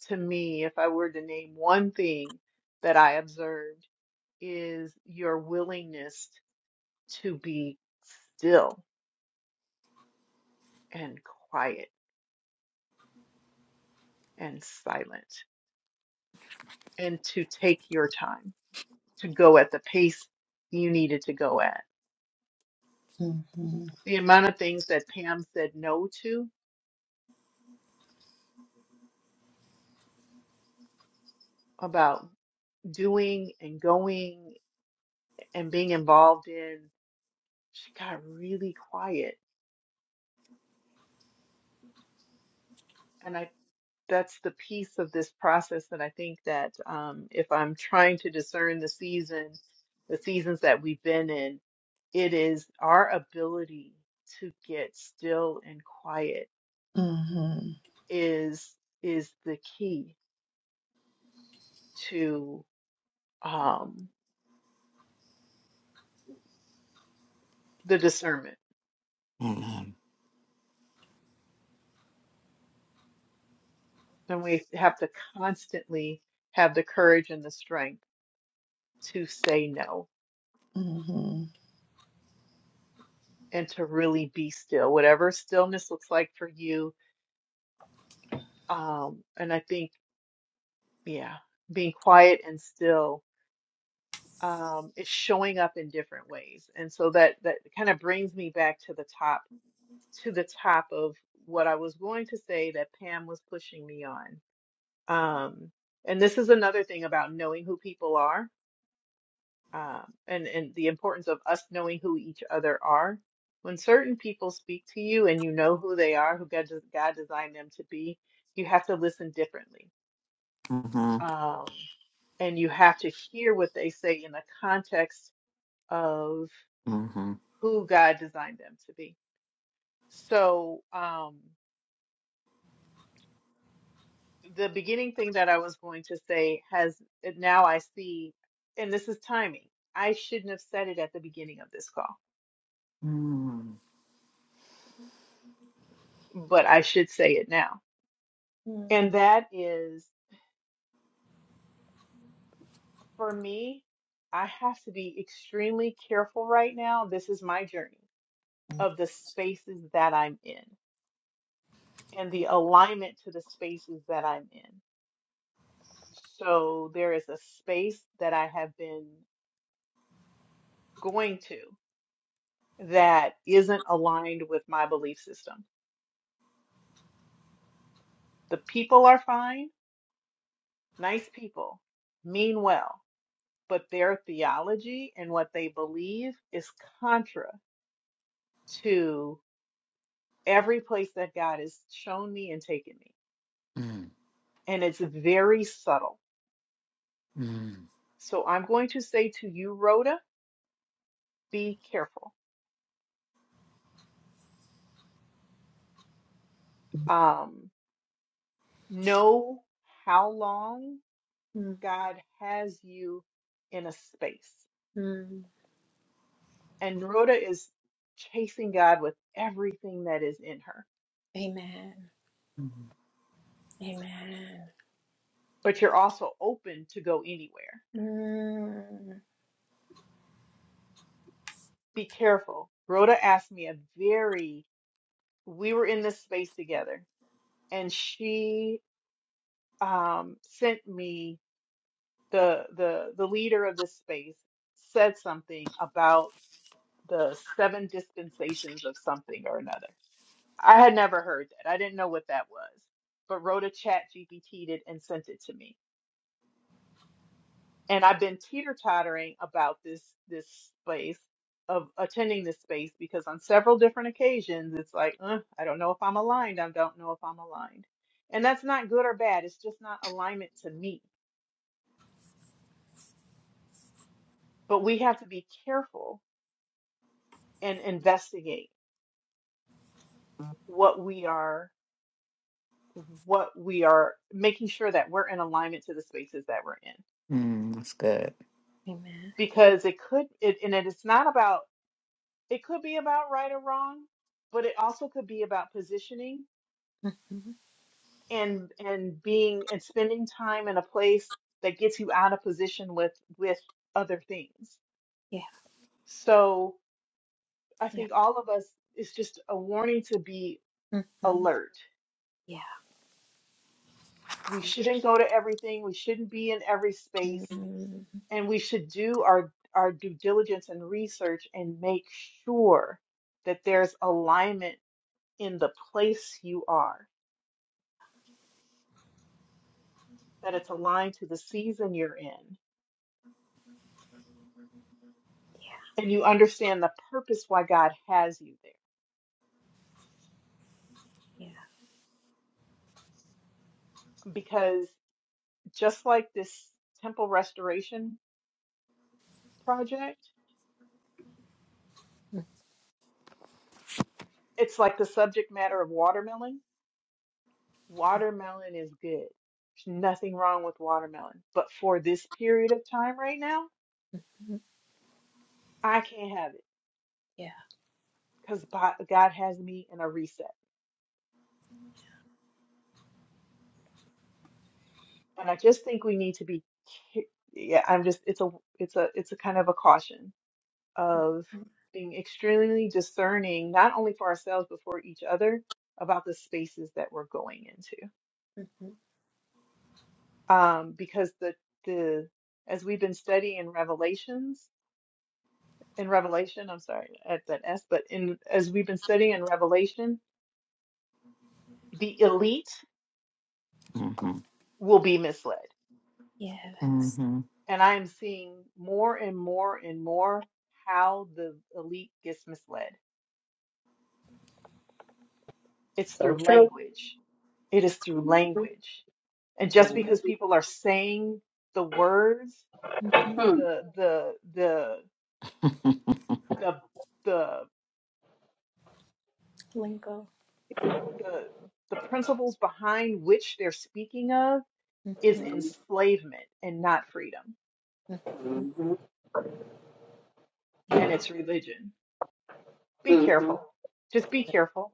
Speaker 1: To me, if I were to name one thing that I observed is your willingness to be still and quiet and silent and to take your time to go at the pace you needed to go at.
Speaker 4: hmm hmm
Speaker 1: The amount of things that Pam said no to about doing and going and being involved in, she got really quiet. And I, that's the piece of this process that I think that um, if I'm trying to discern the season, the seasons that we've been in, it is our ability to get still and quiet
Speaker 4: hmm
Speaker 1: is is the key to um, the discernment.
Speaker 5: Amen.
Speaker 1: And we have to constantly have the courage and the strength to say no and to really be still, whatever stillness looks like for you. Um, and I think, yeah, being quiet and still um, is showing up in different ways. And so that that kind of brings me back to the top to the top of what I was going to say that Pam was pushing me on. Um, and this is another thing about knowing who people are um, and and the importance of us knowing who each other are. When certain people speak to you and you know who they are, who God, des- God designed them to be, you have to listen differently.
Speaker 5: Mm-hmm.
Speaker 1: Um, and you have to hear what they say in the context of
Speaker 5: Mm-hmm.
Speaker 1: who God designed them to be. So, um, the beginning thing that I was going to say has it now I see, and this is timing. I shouldn't have said it at the beginning of this call,
Speaker 5: Mm.
Speaker 1: but I should say it now
Speaker 2: Mm,
Speaker 1: And that is for me, I have to be extremely careful right now. This is my journey
Speaker 2: mm,
Speaker 1: of the spaces that I'm in and the alignment to the spaces that I'm in. So there is a space that I have been going to that isn't aligned with my belief system. The people are fine, nice people, mean well, but their theology and what they believe is contra to. every place that God has shown me and taken me.
Speaker 5: Mm.
Speaker 1: And it's very subtle.
Speaker 5: Mm.
Speaker 1: So I'm going to say to you, Rhoda, be careful. Um, know how long God has you in a space.
Speaker 2: mm.
Speaker 1: And Rhoda is chasing God with everything that is in her,
Speaker 2: Amen. Amen.
Speaker 1: but you're also open to go anywhere.
Speaker 2: Mm,
Speaker 1: Be careful. Rhoda asked me a very, we were in this space together, and she um, sent me the the the leader of this space said something about the seven dispensations of something or another. I had never heard that. I didn't know what that was, but Rhoda Chat GPT'd it and sent it to me. And I've been teeter tottering about this this space of attending this space because on several different occasions it's like, "Uh, I don't know if I'm aligned. I don't know if I'm aligned. And that's not good or bad. It's just not alignment to me. But we have to be careful and investigate what we are what we are making sure that we're in alignment to the spaces that we're in
Speaker 5: Mm. That's good.
Speaker 2: Amen.
Speaker 1: because it could it and it is not about it could be about right or wrong but it also could be about positioning
Speaker 2: Mhm.
Speaker 1: and and being and spending time in a place that gets you out of position with with other things
Speaker 2: Yeah.
Speaker 1: so i
Speaker 2: Yeah.
Speaker 1: think all of us it's just a warning to be
Speaker 2: Mhm.
Speaker 1: alert
Speaker 2: Yeah.
Speaker 1: we shouldn't go to everything we shouldn't be in every space
Speaker 2: Mhm.
Speaker 1: and we should do our our due diligence and research and make sure that there's alignment in the place you are, that it's aligned to the season you're in,
Speaker 2: Yeah.
Speaker 1: and you understand the purpose why God has you there.
Speaker 2: Yeah.
Speaker 1: Because just like this temple restoration project,
Speaker 2: Mm-hmm.
Speaker 1: it's like the subject matter of watermelon.
Speaker 2: Yeah.
Speaker 1: Watermelon is good. There's nothing wrong with watermelon. But for this period of time right now,
Speaker 2: Mhm.
Speaker 1: I can't have it
Speaker 2: Yeah.
Speaker 1: because God has me in a reset. And I just think we need to be, yeah, I'm just, it's a, it's a, it's a kind of a caution of being extremely discerning, not only for ourselves, but for each other about the spaces that we're going into.
Speaker 2: Mhm.
Speaker 1: Um, because the, the, as we've been studying Revelations, in Revelation, I'm sorry, at that S, but in, as we've been studying in Revelation, the elite
Speaker 5: Mm-hmm.
Speaker 1: will be misled
Speaker 2: Yes.
Speaker 5: Mm-hmm.
Speaker 1: And I am seeing more and more and more how the elite gets misled. It's
Speaker 3: So
Speaker 1: through
Speaker 3: true.
Speaker 1: language. It is through
Speaker 3: Mhm.
Speaker 1: language. And just
Speaker 3: Mhm.
Speaker 1: because people are saying the words,
Speaker 2: Mhm.
Speaker 1: the the the the the the
Speaker 2: Lingo.
Speaker 1: the, the principles behind which they're speaking of is
Speaker 2: Mhm.
Speaker 1: enslavement and not freedom.
Speaker 2: Mhm.
Speaker 3: Mhm.
Speaker 2: Yeah.
Speaker 1: And it's religion. Be
Speaker 3: Mhm.
Speaker 1: careful. Just be careful.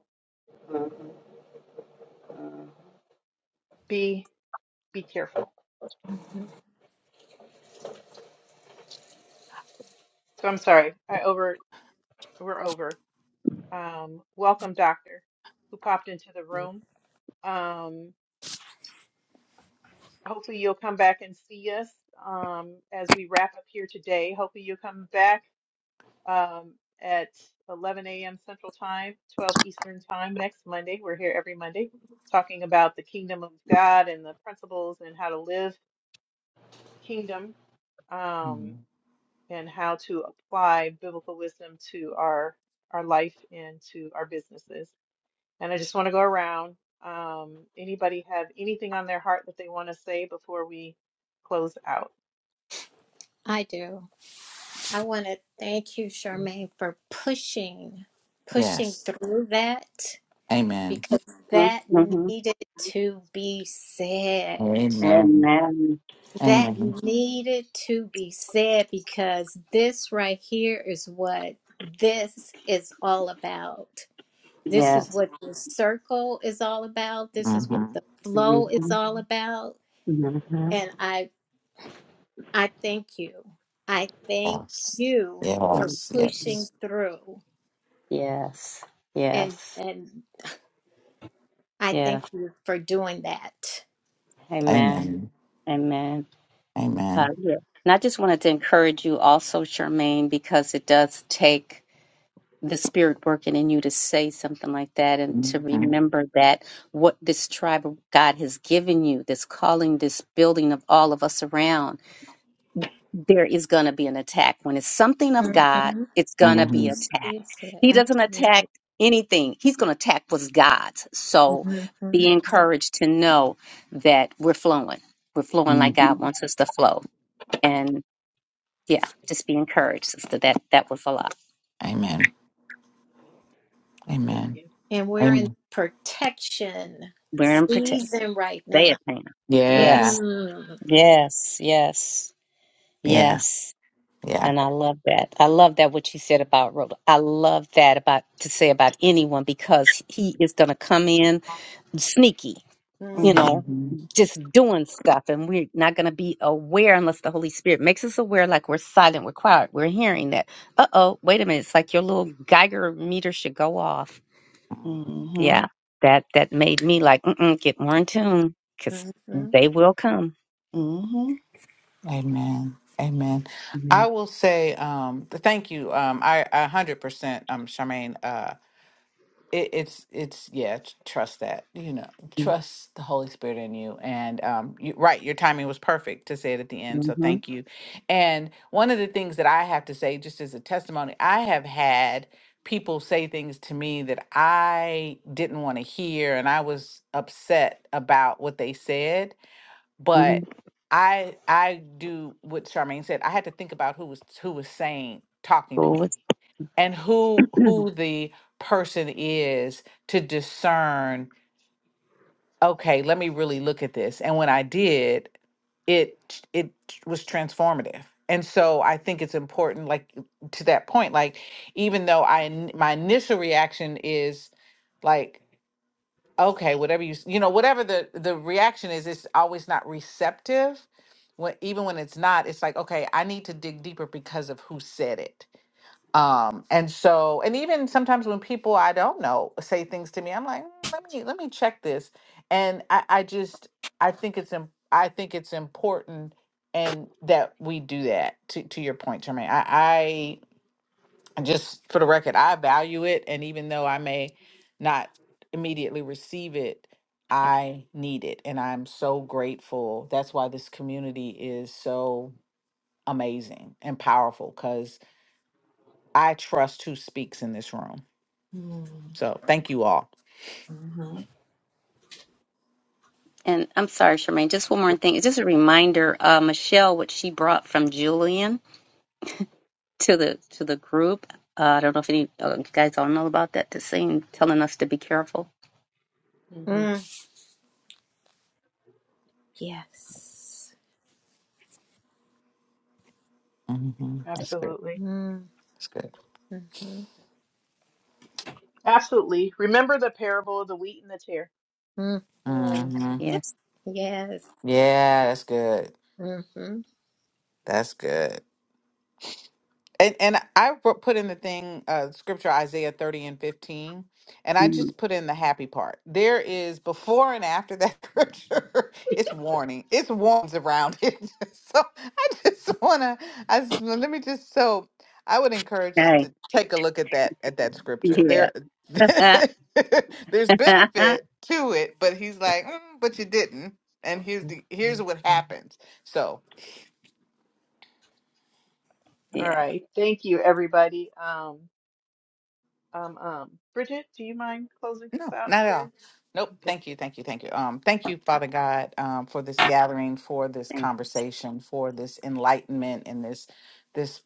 Speaker 1: Be be careful.
Speaker 2: Mhm.
Speaker 1: So I'm sorry. I over we're over. Um, welcome, Doctor, who popped into the room. Um, hopefully, you'll come back and see us um, as we wrap up here today. Hopefully, you'll come back um, at 11 a.m. Central Time, 12 Eastern Time next Monday. We're here every Monday talking about the kingdom of God and the principles and how to live kingdom
Speaker 5: Mm.
Speaker 1: um, and how to apply biblical wisdom to our our life and to our businesses. And I just want to go around. Um, anybody have anything on their heart that they want to say before we close out?
Speaker 2: I do. I want to thank you, Charmaine, for pushing, pushing
Speaker 5: Yes.
Speaker 2: through that
Speaker 5: Amen.
Speaker 2: because that
Speaker 3: Mhm.
Speaker 2: needed to be said.
Speaker 5: Amen.
Speaker 3: Amen.
Speaker 2: That
Speaker 5: Amen.
Speaker 2: needed to be said because this right here is what this is all about. This is
Speaker 3: Yes.
Speaker 2: what the circle is all about. This is what
Speaker 5: Mm-hmm.
Speaker 2: the flow is
Speaker 3: Mhm.
Speaker 2: all about.
Speaker 3: Mhm.
Speaker 2: And I I thank you. I thank
Speaker 5: Yes.
Speaker 2: you for
Speaker 5: Yes.
Speaker 3: Yes.
Speaker 2: pushing
Speaker 5: Yes.
Speaker 2: through.
Speaker 3: Yes.
Speaker 2: And
Speaker 3: Yes.
Speaker 2: and I thank
Speaker 3: Yes.
Speaker 2: you for doing that.
Speaker 3: Amen.
Speaker 5: Amen.
Speaker 3: Amen. Uh,
Speaker 5: Amen.
Speaker 3: yeah. And I just wanted to encourage you also, Charmaine, because it does take the spirit working in you to say something like that and to
Speaker 5: Mm-hmm.
Speaker 3: remember that what this tribe of God has given you, this calling, this building of all of us around, there is going to be an attack. When it's something of God,
Speaker 2: hmm
Speaker 3: it's going
Speaker 2: And
Speaker 3: to be
Speaker 5: Mm-hmm.
Speaker 2: it's,
Speaker 3: attacked.
Speaker 2: it's
Speaker 3: He doesn't
Speaker 2: absolutely.
Speaker 3: attack anything, He's going to attack what's God's. So
Speaker 2: hmm
Speaker 3: be encouraged to know that we're flowing. We're flowing like
Speaker 5: Mm-hmm.
Speaker 3: God wants us to flow yeah, just be encouraged, sister. That that was a lot.
Speaker 5: Amen.
Speaker 1: Thank
Speaker 5: Amen.
Speaker 1: you.
Speaker 2: And we're in
Speaker 5: Amen.
Speaker 2: protection
Speaker 3: Wear and protect.
Speaker 2: season right
Speaker 3: Say
Speaker 2: now.
Speaker 3: it, Pam.
Speaker 5: Yeah.
Speaker 3: Yes,
Speaker 2: Mm,
Speaker 3: yes, yes,
Speaker 5: Yeah.
Speaker 3: yes.
Speaker 5: Yeah.
Speaker 3: And I love that. I love that what you said about Rhoda. I love that about to say about anyone because he is going to come in sneaky, you
Speaker 2: mm,
Speaker 4: Mhm.
Speaker 3: know,
Speaker 5: Mm-hmm.
Speaker 3: just doing stuff, and we're not going to be aware unless the Holy Spirit makes us aware. Like we're silent, we're quiet, we're hearing that. Uh oh, wait a minute. It's like your little Geiger meter should go off Yeah, that that made me like Mm-mm, get more in tune because
Speaker 2: hmm
Speaker 3: they will come.
Speaker 4: Mhm.
Speaker 5: Amen. Amen.
Speaker 3: Mm-hmm.
Speaker 5: I will say, um, th- thank you. Um, I a hundred percent, um, Charmaine. Uh, it, it's it's yeah. t- Trust that. You know, trust the Holy Spirit in you. And um, you, right, your timing was perfect to say it at the end. So thank you. And one of the things that I have to say, just as a testimony, I have had people say things to me that I didn't want to hear, and I was upset about what they said
Speaker 3: hmm
Speaker 5: but I I do what Charmaine said. I had to think about who was who was saying talking to
Speaker 3: Cool.
Speaker 5: me
Speaker 3: with-
Speaker 5: and who who the person is to discern. Okay, let me really look at this. And when I did, it t- it t- was transformative. And so I think it's important, like to that point, like even though I in- my initial reaction is like okay whatever you s- you know whatever the the reaction is it's always not receptive when even when it's not it's like okay i need to dig deeper because of who said it um and so and even sometimes when people i don't know say things to me i'm like "Mm, let me let me check this and i i just i think it's im- i think it's important and that we do that to to your point Jermaine i just for the record, I value it. And even though I may not immediately receive it, I need it. And I'm so grateful. That's why this community is so amazing and powerful because I trust who speaks in this room. So thank you all.
Speaker 3: And I'm sorry, Charmaine. Just one more thing. It's just a reminder, uh, Michelle, what she brought from Julian to the to the group. Uh, I don't know if any uh, you guys all know about that. The same telling us to be careful.
Speaker 1: hmm
Speaker 2: mm. Yes.
Speaker 5: hmm That's good.
Speaker 1: Absolutely.
Speaker 2: Mm,
Speaker 5: That's good.
Speaker 2: hmm
Speaker 1: Absolutely. Remember the parable of the wheat and the tare.
Speaker 2: mm,
Speaker 1: And
Speaker 5: hmm
Speaker 3: Yes.
Speaker 2: yes.
Speaker 5: Yeah, that's good.
Speaker 2: hmm hmm
Speaker 5: That's good. And and I wrote- put in the thing uh scripture Isaiah 30 and 15 and I
Speaker 3: Mm,
Speaker 5: just put in the happy part. There is before and after that scripture. It's warning. It's warns around it. So I just want to I s- let me just so I would encourage us
Speaker 3: Okay.
Speaker 5: to take a look at that at that scripture.
Speaker 3: Yeah.
Speaker 5: There there's benefit to it, but he's like, "Mm, "But you didn't." And here's the here's what happens. So
Speaker 1: all
Speaker 3: yeah.
Speaker 1: right. Thank you, everybody. Um, um, um, Bridget, do you mind closing us
Speaker 5: No,
Speaker 1: out in
Speaker 5: not at all.
Speaker 1: prayer?
Speaker 5: Nope. Thank you. Thank you. Thank you. Um, thank you, Father God, um, for this gathering, for this
Speaker 3: Thank.
Speaker 5: conversation, for this enlightenment and this this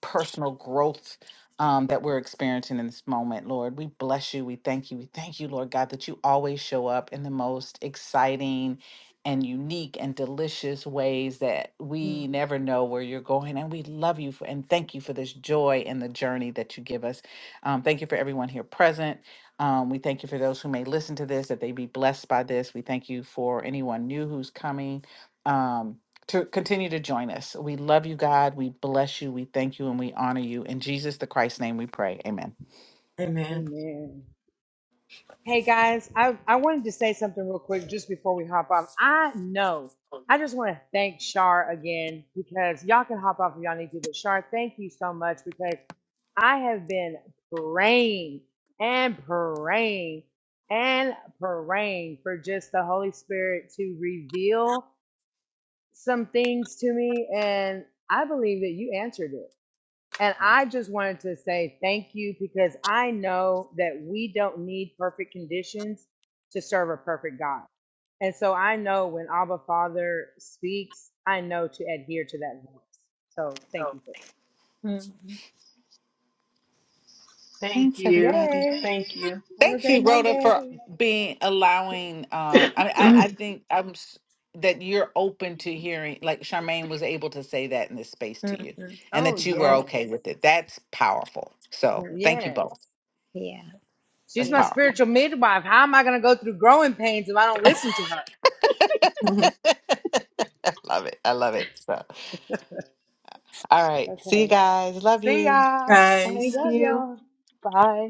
Speaker 5: personal growth um, that we're experiencing in this moment, Lord. We bless you. We thank you. We thank you, Lord God, that you always show up in the most exciting and unique and delicious ways that
Speaker 4: Mm-hmm.
Speaker 5: we never know where you're going. And we love you for, and thank you for this joy and the journey that you give us. Um, thank you for everyone here present. Um, we thank you for those who may listen to this, that they be blessed by this. We thank you for anyone new who's coming. Um, to continue to join us. We love you, God. We bless you. We thank you and we honor you. In Jesus the Christ's name we pray. Amen.
Speaker 4: Amen.
Speaker 6: Amen. Hey guys, I, I wanted to say something real quick just before we hop off. I know. I just want to thank Shar again because y'all can hop off if y'all need to, but Shar, thank you so much because I have been praying and praying and praying for just the Holy Spirit to reveal some things to me. And I believe that you answered it. And I just wanted to say thank you because I know that we don't need perfect conditions to serve a perfect God. And so I know when Abba Father speaks, I know to adhere to that voice. So thank you for
Speaker 2: hmm
Speaker 1: Thank
Speaker 5: Thanks,
Speaker 6: that.
Speaker 1: you.
Speaker 5: everybody.
Speaker 6: Yay.
Speaker 1: Thank you.
Speaker 6: Have a
Speaker 5: Thank
Speaker 6: great
Speaker 5: you, Rhoda, for
Speaker 6: Monday.
Speaker 5: being allowing. Um, I, I, I think I'm s- that you're open to hearing, like Charmaine was able to say that in this space to you, and
Speaker 6: Oh,
Speaker 5: that you were
Speaker 6: yes.
Speaker 5: okay with it. That's powerful. So thank you
Speaker 6: Yes.
Speaker 5: both.
Speaker 2: Yeah.
Speaker 6: She's
Speaker 5: That's
Speaker 2: Yeah.
Speaker 6: my
Speaker 1: Thank
Speaker 5: powerful.
Speaker 1: you.
Speaker 6: spiritual midwife. How am I going to go through growing pains if I don't listen to her?
Speaker 5: love it. I love it. So, all right. See you
Speaker 6: Okay.
Speaker 5: guys. Love
Speaker 6: See
Speaker 5: you.
Speaker 6: ya.
Speaker 4: Guys.
Speaker 1: Thank
Speaker 6: Love
Speaker 5: Bye.
Speaker 1: you.
Speaker 6: y'all.
Speaker 1: Bye.